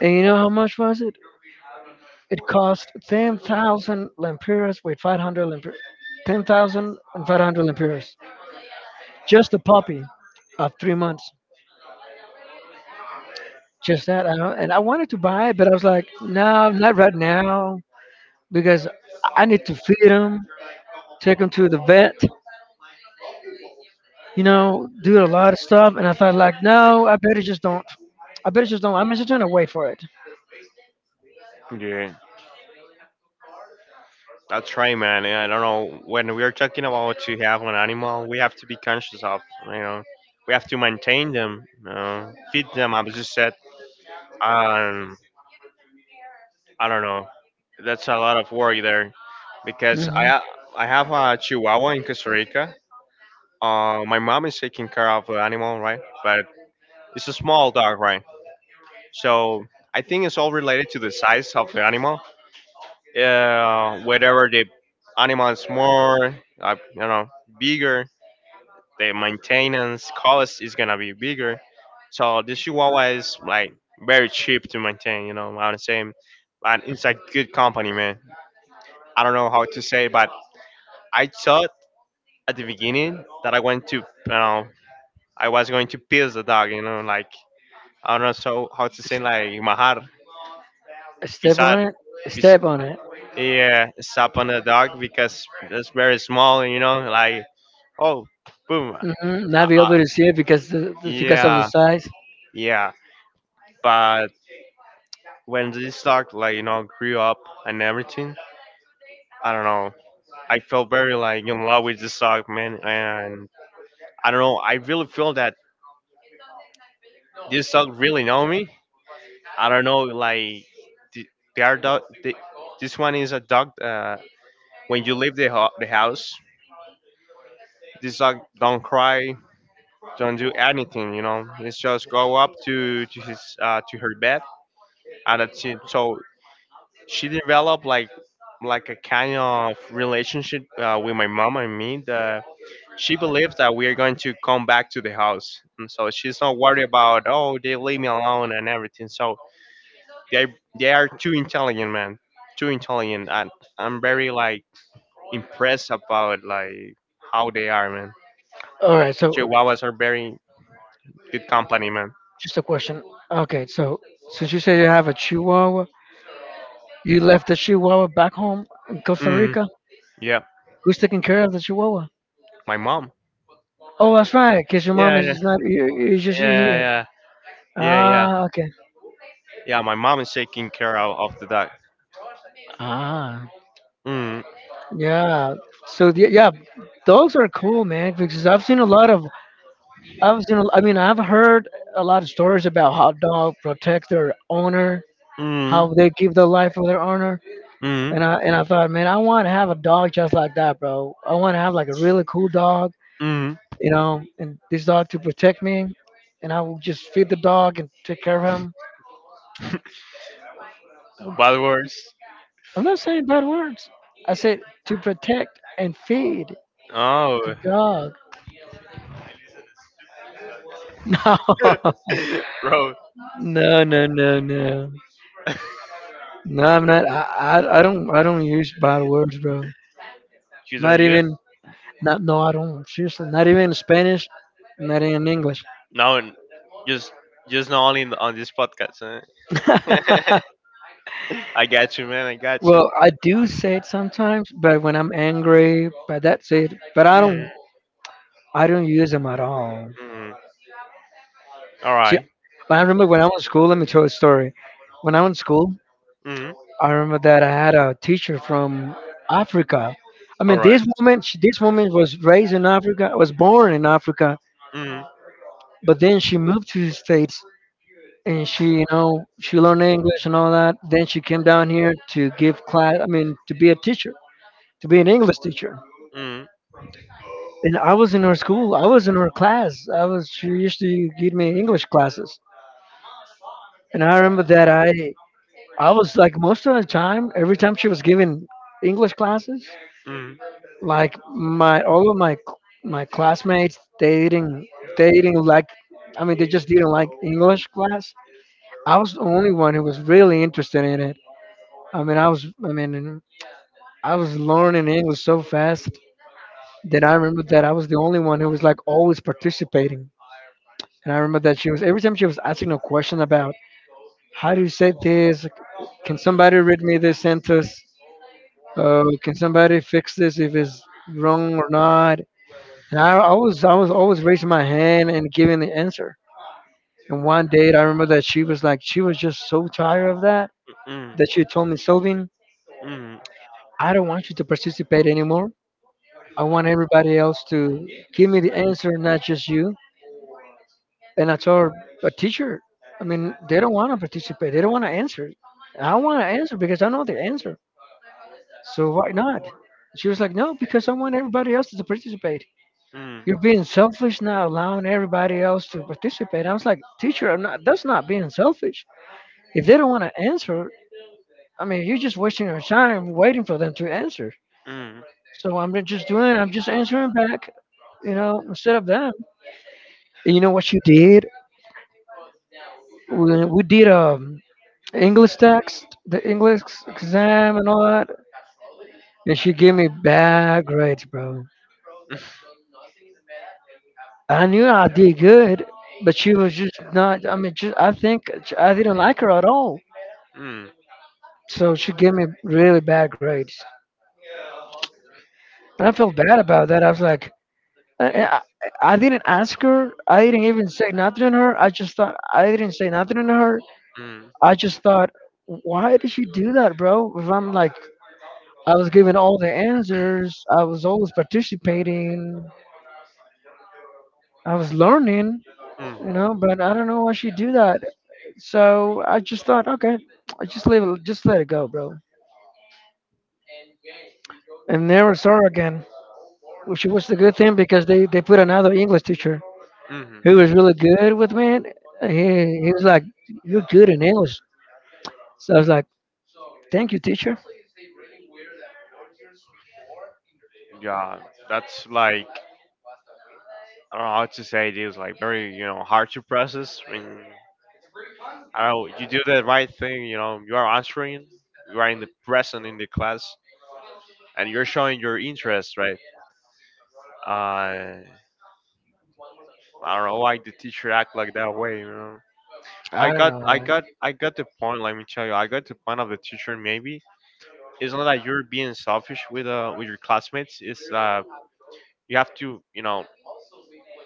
A: and you know how much was it? It cost 10,000 lempiras, wait, 500 lempiras. 10,500 lempiras. Just a puppy of 3 months. Just that. I don't- And I wanted to buy it, but I was like, no, not right now, because I need to feed him, take him to the vet, you know, do a lot of stuff. And I thought, like, no, I better just don't. I better just don't. I'm just going to wait for it.
B: Yeah, that's right, man. And I don't know when we are talking about to have an animal, we have to be conscious of. You know, we have to maintain them, you know, feed them. I was just said. Um, I don't know. That's a lot of work there because
A: Hmm
B: I have a Chihuahua in Costa Rica. My mom is taking care of the animal, right? But it's a small dog, right? So I think it's all related to the size of the animal. Whatever the animal is more, you know, bigger, the maintenance cost is gonna be bigger. So the Chihuahua is like very cheap to maintain. You know, I am saying, and it's a good company, man. I don't know how to say, but I thought at the beginning that I went to, you know, I was going to piss the dog, you know, like I don't know so how to say like mahar,
A: S- Step
B: pisar,
A: on it.
B: pis,
A: Step on it.
B: yeah, step on the dog because it's very small, you know, like oh, boom,
A: Hmm Not be
B: uh,
A: able to see it because because of the
B: yeah,
A: size.
B: yeah. But when this dog, like you know, grew up and everything, I don't know. I felt very like in love with this dog, man, and I don't know. I really feel that this dog really know me. I don't know, like th- they are dog. This one is a dog. When you leave the the house, this dog don't cry, don't do anything. You know, it's just go up to his to her bed, and that's it. So she developed like a kind of relationship with my mom and me that she believes that we are going to come back to the house, and so she's not worried about, oh, they leave me alone and everything. So They they are too intelligent, man. Too intelligent. And I'm very like impressed about like how they are, man.
A: All right. So
B: Chihuahuas are very good company, man.
A: just a question. Okay. So since you say you have a Chihuahua, you left the Chihuahua back home in Costa
B: Mm,
A: Rica.
B: yeah,
A: Who's taking care of the Chihuahua?
B: my mom.
A: Oh, that's right. Cause your mom
B: Yeah,
A: is
B: yeah,
A: is not. Is just here.
B: yeah, yeah, yeah, yeah.
A: Ah. Okay.
B: Yeah, my mom is taking care of the dog.
A: Ah.
B: Mm,
A: Yeah. So yeah, dogs are cool, man. Because I've seen a lot of I mean I've heard a lot of stories about how dogs protect their owner,
B: mm,
A: how they give the life of their owner,
B: mm,
A: and I thought, man, I want to have a dog just like that, bro. I want to have like a really cool dog,
B: mm.
A: you know, and this dog to protect me, and I will just feed the dog and take care of him.
B: Bad words.
A: I'm not saying bad words. I said to protect and feed the
B: Oh,
A: dog.
B: bro,
A: No, no, no, no, no. No, I'm not. I, I don't I don't use bad words, bro.
B: you
A: Not
B: don't use
A: even not no, I don't. Seriously, not even in Spanish, not even in English.
B: no, just just not only on this podcast. Huh? I got you, man. I got you.
A: well, I do say it sometimes, but when I'm angry, but that's it. But
B: Mm,
A: I don't use them at all.
B: mm. All
A: See,
B: right.
A: but I remember when I was in school. Let me tell you a story. When I was in school,
B: Mm,
A: I remember that I had a teacher from Africa. I
B: all
A: mean,
B: right.
A: this woman, this woman was raised in Africa, was born in Africa,
B: Mm,
A: but then she moved to the states, and she you know she learned English and all that. Then she came down here to give class, I mean to be a teacher, to be an English teacher,
B: mm,
A: and I was in her school, I was in her class, I was she used to give me English classes. And I remember that I was like most of the time every time she was giving English classes,
B: mm,
A: like my all of my my classmates, they didn't like, I mean, they just didn't like English class. I was the only one who was really interested in it. I mean, I was. I mean, I was learning English so fast that I remember that I was the only one who was like always participating. And I remember that she was every time she was asking a question about how do you say this? Can somebody read me this sentence? Can somebody fix this if it's wrong or not? And I was always raising my hand and giving the answer. And one day I remember that she was just so tired of that,
B: mm, mm,
A: that she told me, Sylvian, I don't want you to participate anymore. I want everybody else to give me the answer, not just you. And I told a teacher, I mean, they don't want to participate. They don't want to answer. I want to answer because I know the answer. So why not? She was like, no, because I want everybody else to participate.
B: mm.
A: You're being selfish now, allowing everybody else to participate. I was like, teacher, I'm not, that's not being selfish. If they don't want to answer, I mean, you're just wasting your time waiting for them to answer. So I'm just answering back, you know, instead of them. And you know what she did? We did English text, the English exam and all that, and she gave me bad grades, bro. I knew I did
B: Mm.
A: good, but she was just not. I mean, just I think I didn't like her at all,
B: Mm.
A: so she gave me really bad grades, and I felt bad about that. I was like, I, I, I didn't ask her. I didn't even say nothing to her. I just thought I didn't say nothing to her.
B: Mm.
A: I just thought, why did she do that, bro? If I'm like I was giving all the answers. I was always participating. I was learning,
B: Mm.
A: you know, but I don't know why she do that. So I just thought, okay, I just leave it, just let it go, bro. And never saw her again, which was the good thing because they put another English teacher
B: Mm.
A: who was really good with me. He was like, you're good in English. So I was like, thank you, teacher.
B: Yeah, that's like I don't know how to say, it is like very hard to process. I mean, I don't know, you do the right thing. You know, you are answering. You are in the present in the class, and you're showing your interest, right? Uh, I don't know why the teacher act like that way. You know,
A: I don't know what.
B: I got the point. Let me tell you, I got the point of the teacher. Maybe it's not that you're being selfish with your classmates. It's you have to, you know,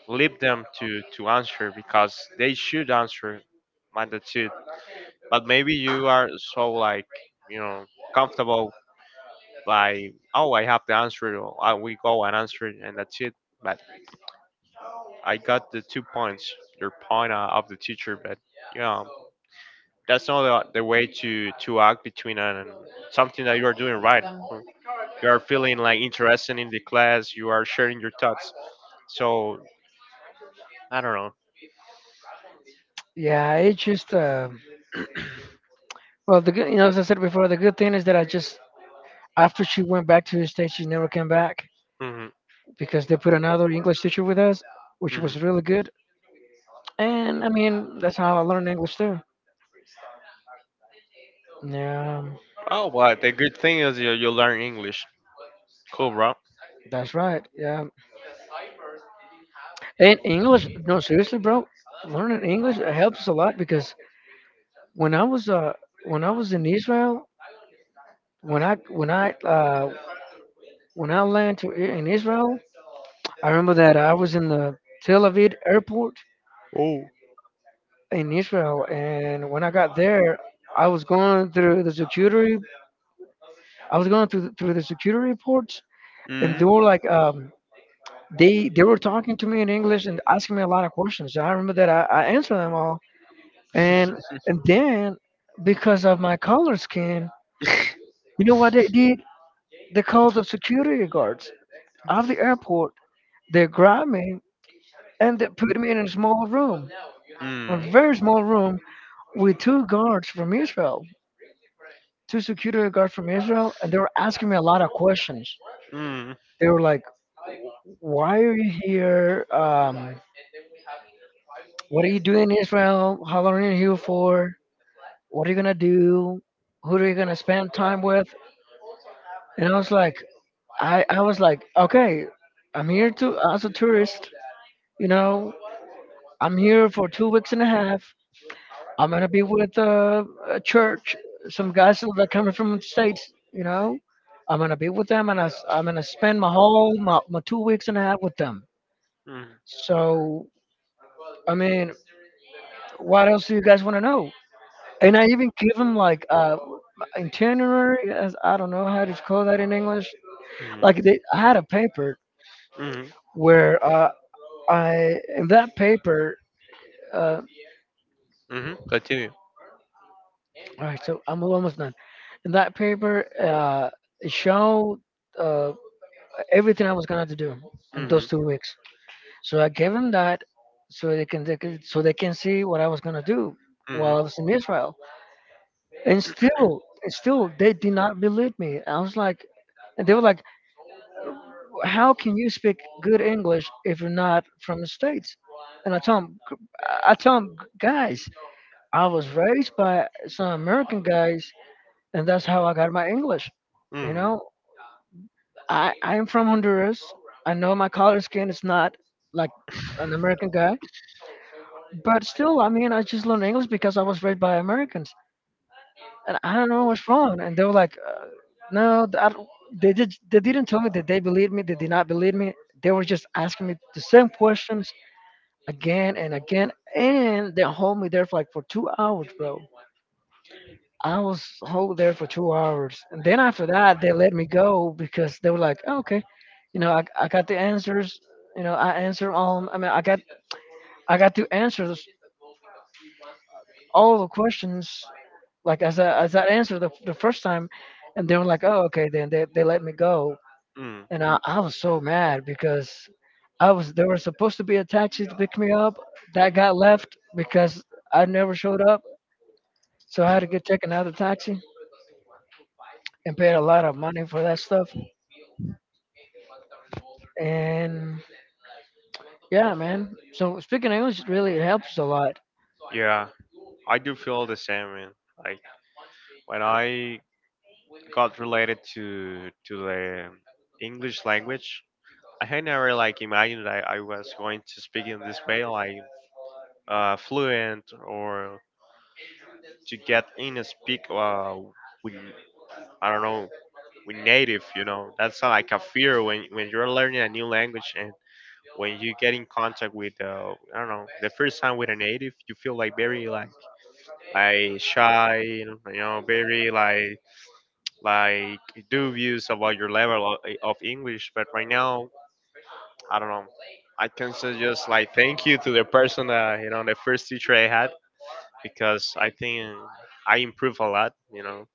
B: leave them to answer because they should answer. Man, that's it. But maybe you are so like, you know, comfortable by, oh, I have the answer. Or, I we go and answer it, and that's it. But I got the two points. Your point of the teacher, but you know, that's not the way to act between an, something that you are doing right. You are feeling like interested in the class, you are sharing your thoughts, so I don't know.
A: Yeah, it just well, the good, you know, as I said before, the good thing is that I just after she went back to the states, she never came back,
B: Hmm.
A: because they put another English teacher with us, which
B: Hmm.
A: was really good. And I mean, that's how I learned English too. Yeah,
B: Oh, well, the good thing is you, you learn English. Cool, bro.
A: that's right. Yeah. And English, no, seriously, bro, learning English helps a lot because when I was uh when I was in Israel, when I when I uh when I landed to, in Israel, I remember that I was in the Tel Aviv airport
B: Oh.
A: in Israel, and when I got there, I was going through the security. I was going through the security reports, and they
B: Hmm. Mm.
A: were like they were talking to me in English and asking me a lot of questions. I remember that I answered them all, and then because of my color skin, you know what they did? They called the security guards of the airport. They grabbed me and they put me in a small room, a very small room with two guards from Israel, two security guards from Israel, and they were asking me a lot of questions.
B: Mm.
A: They were like, "Why are you here? What are you doing in Israel? How long are you here for? What are you gonna do? Who are you gonna spend time with?" And I was like, I was like, okay, I'm here to as a tourist. You know, I'm here for 2 weeks and a half. I'm gonna be with a church, some guys that are coming from the states. You know, I'm gonna be with them, and I'm gonna spend my 2 weeks and a half with them.
B: Mm.
A: So, I mean, what else do you guys want to know? And I even give them like itinerary as I don't know how to call that in English. Like I had a paper
B: Mm.
A: where I in that paper uh,
B: Mm-hmm. Continue.
A: all right, so I'm almost done. In that paper, it showed uh, everything I was gonna have to do in
B: Mm-hmm.
A: those 2 weeks. So I gave them that so they can see what I was gonna do
B: Mm-hmm.
A: while I was in Israel. And still they did not believe me. I was like, and they were like, how can you speak good English if you're not from the States? And I tell him, guys, I was raised by some American guys, and that's how I got my English. You
B: Mm-hmm.
A: know, I am from Honduras. I know my color skin is not like an American guy, but still, I mean, I just learned English because I was raised by Americans. And I don't know what's wrong. And they were like, no, I don't, they did. They didn't tell me that they believed me. They did not believe me. They were just asking me the same questions again and again, and they hold me there for 2 hours, bro. I was hold there for 2 hours, and then after that, they let me go because they were like, oh, okay, I got the answers. You know, I answered all. I mean, I got to answer all the questions like as I answered the first time, and they were like, "Oh, okay." Then they let me go,
B: Mm.
A: and I was so mad because I was there was supposed to be a taxi to pick me up that got left because I never showed up, so I had to get take another taxi and paid a lot of money for that stuff. And yeah, man. So speaking English really it helps a lot.
B: Yeah, I do feel the same. Man. Like when I got related to the English language, I had never like imagined that I was going to speak in this way, like fluent, or to get in a speak with, I don't know, with native. You know, that's not like a fear when you're learning a new language, and when you get in contact with I don't know, the first time with a native, you feel like very like shy, you know, very like dubious about your level of English. But right now, I don't know. I can say just like thank you to the person that, you know, the first teacher I had, because I think I improved a lot. You know,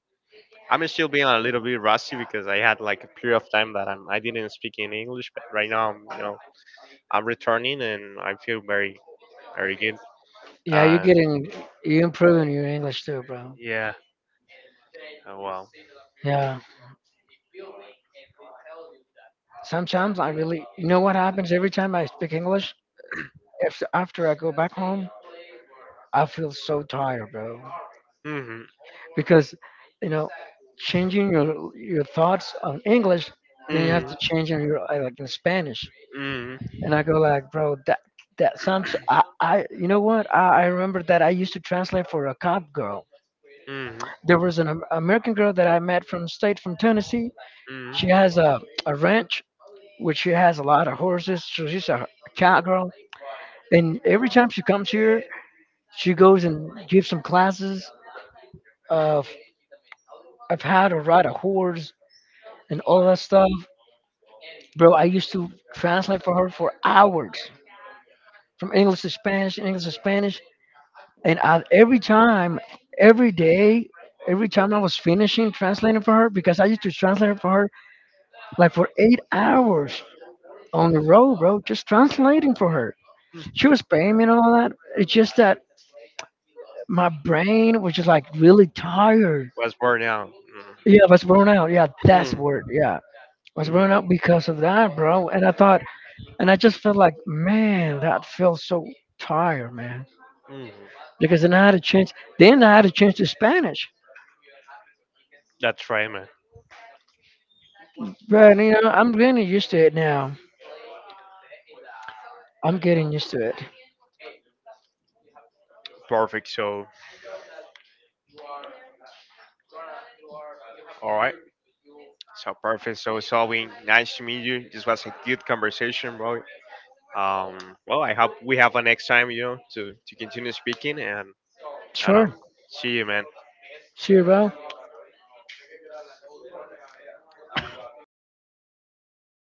B: I'm still being a little bit rusty because I had like a period of time that I didn't speak in English. But right now, you know, I'm returning and I feel very very good.
A: Yeah, you're
B: Uh,
A: getting, you improving your English too, bro.
B: yeah. Oh, wow.
A: Yeah. Sometimes I really, you know what happens every time I speak English? If, After I go back home, I feel so tired, bro.
B: Mhm.
A: Because, you know, changing your thoughts on English, then you have
B: Mhm.
A: to change in your like in Spanish.
B: Mhm.
A: And I go like, bro, that that sounds. I You know what? I Remember that I used to translate for a cop girl.
B: Mhm.
A: There was an American girl that I met from state from Tennessee.
B: Mhm.
A: She has a ranch, which she has a lot of horses. So she's a cowgirl, and every time she comes here, she goes and gives some classes of of how to ride a horse and all that stuff. Bro, I used to translate for her for hours from English to Spanish, and every time, every day, every time I was finishing translating for her, because I used to translate it for her like for 8 hours on the road, bro, just translating for her.
B: Mm.
A: She was paying me and all that. It's just that my brain was just like really tired.
B: Was born out. Mhm.
A: Yeah, I was blown out. Yeah, that's
B: Mhm.
A: word. Yeah, I was blown
B: Mhm.
A: out because of that, bro. And I thought, and I just felt like, man, that feels so tired, man.
B: Mhm.
A: Because then I had a chance. Then I had a chance to Spanish.
B: That's right, man.
A: But you know, I'm getting used to it now. I'm getting used to it.
B: Perfect. So, all right. So perfect. So, Salvin, nice to meet you. This was a good conversation, bro. Um, well, I hope we have a next time, you know, to continue speaking and I
A: Sure.
B: don't see you, man.
A: See you, bro.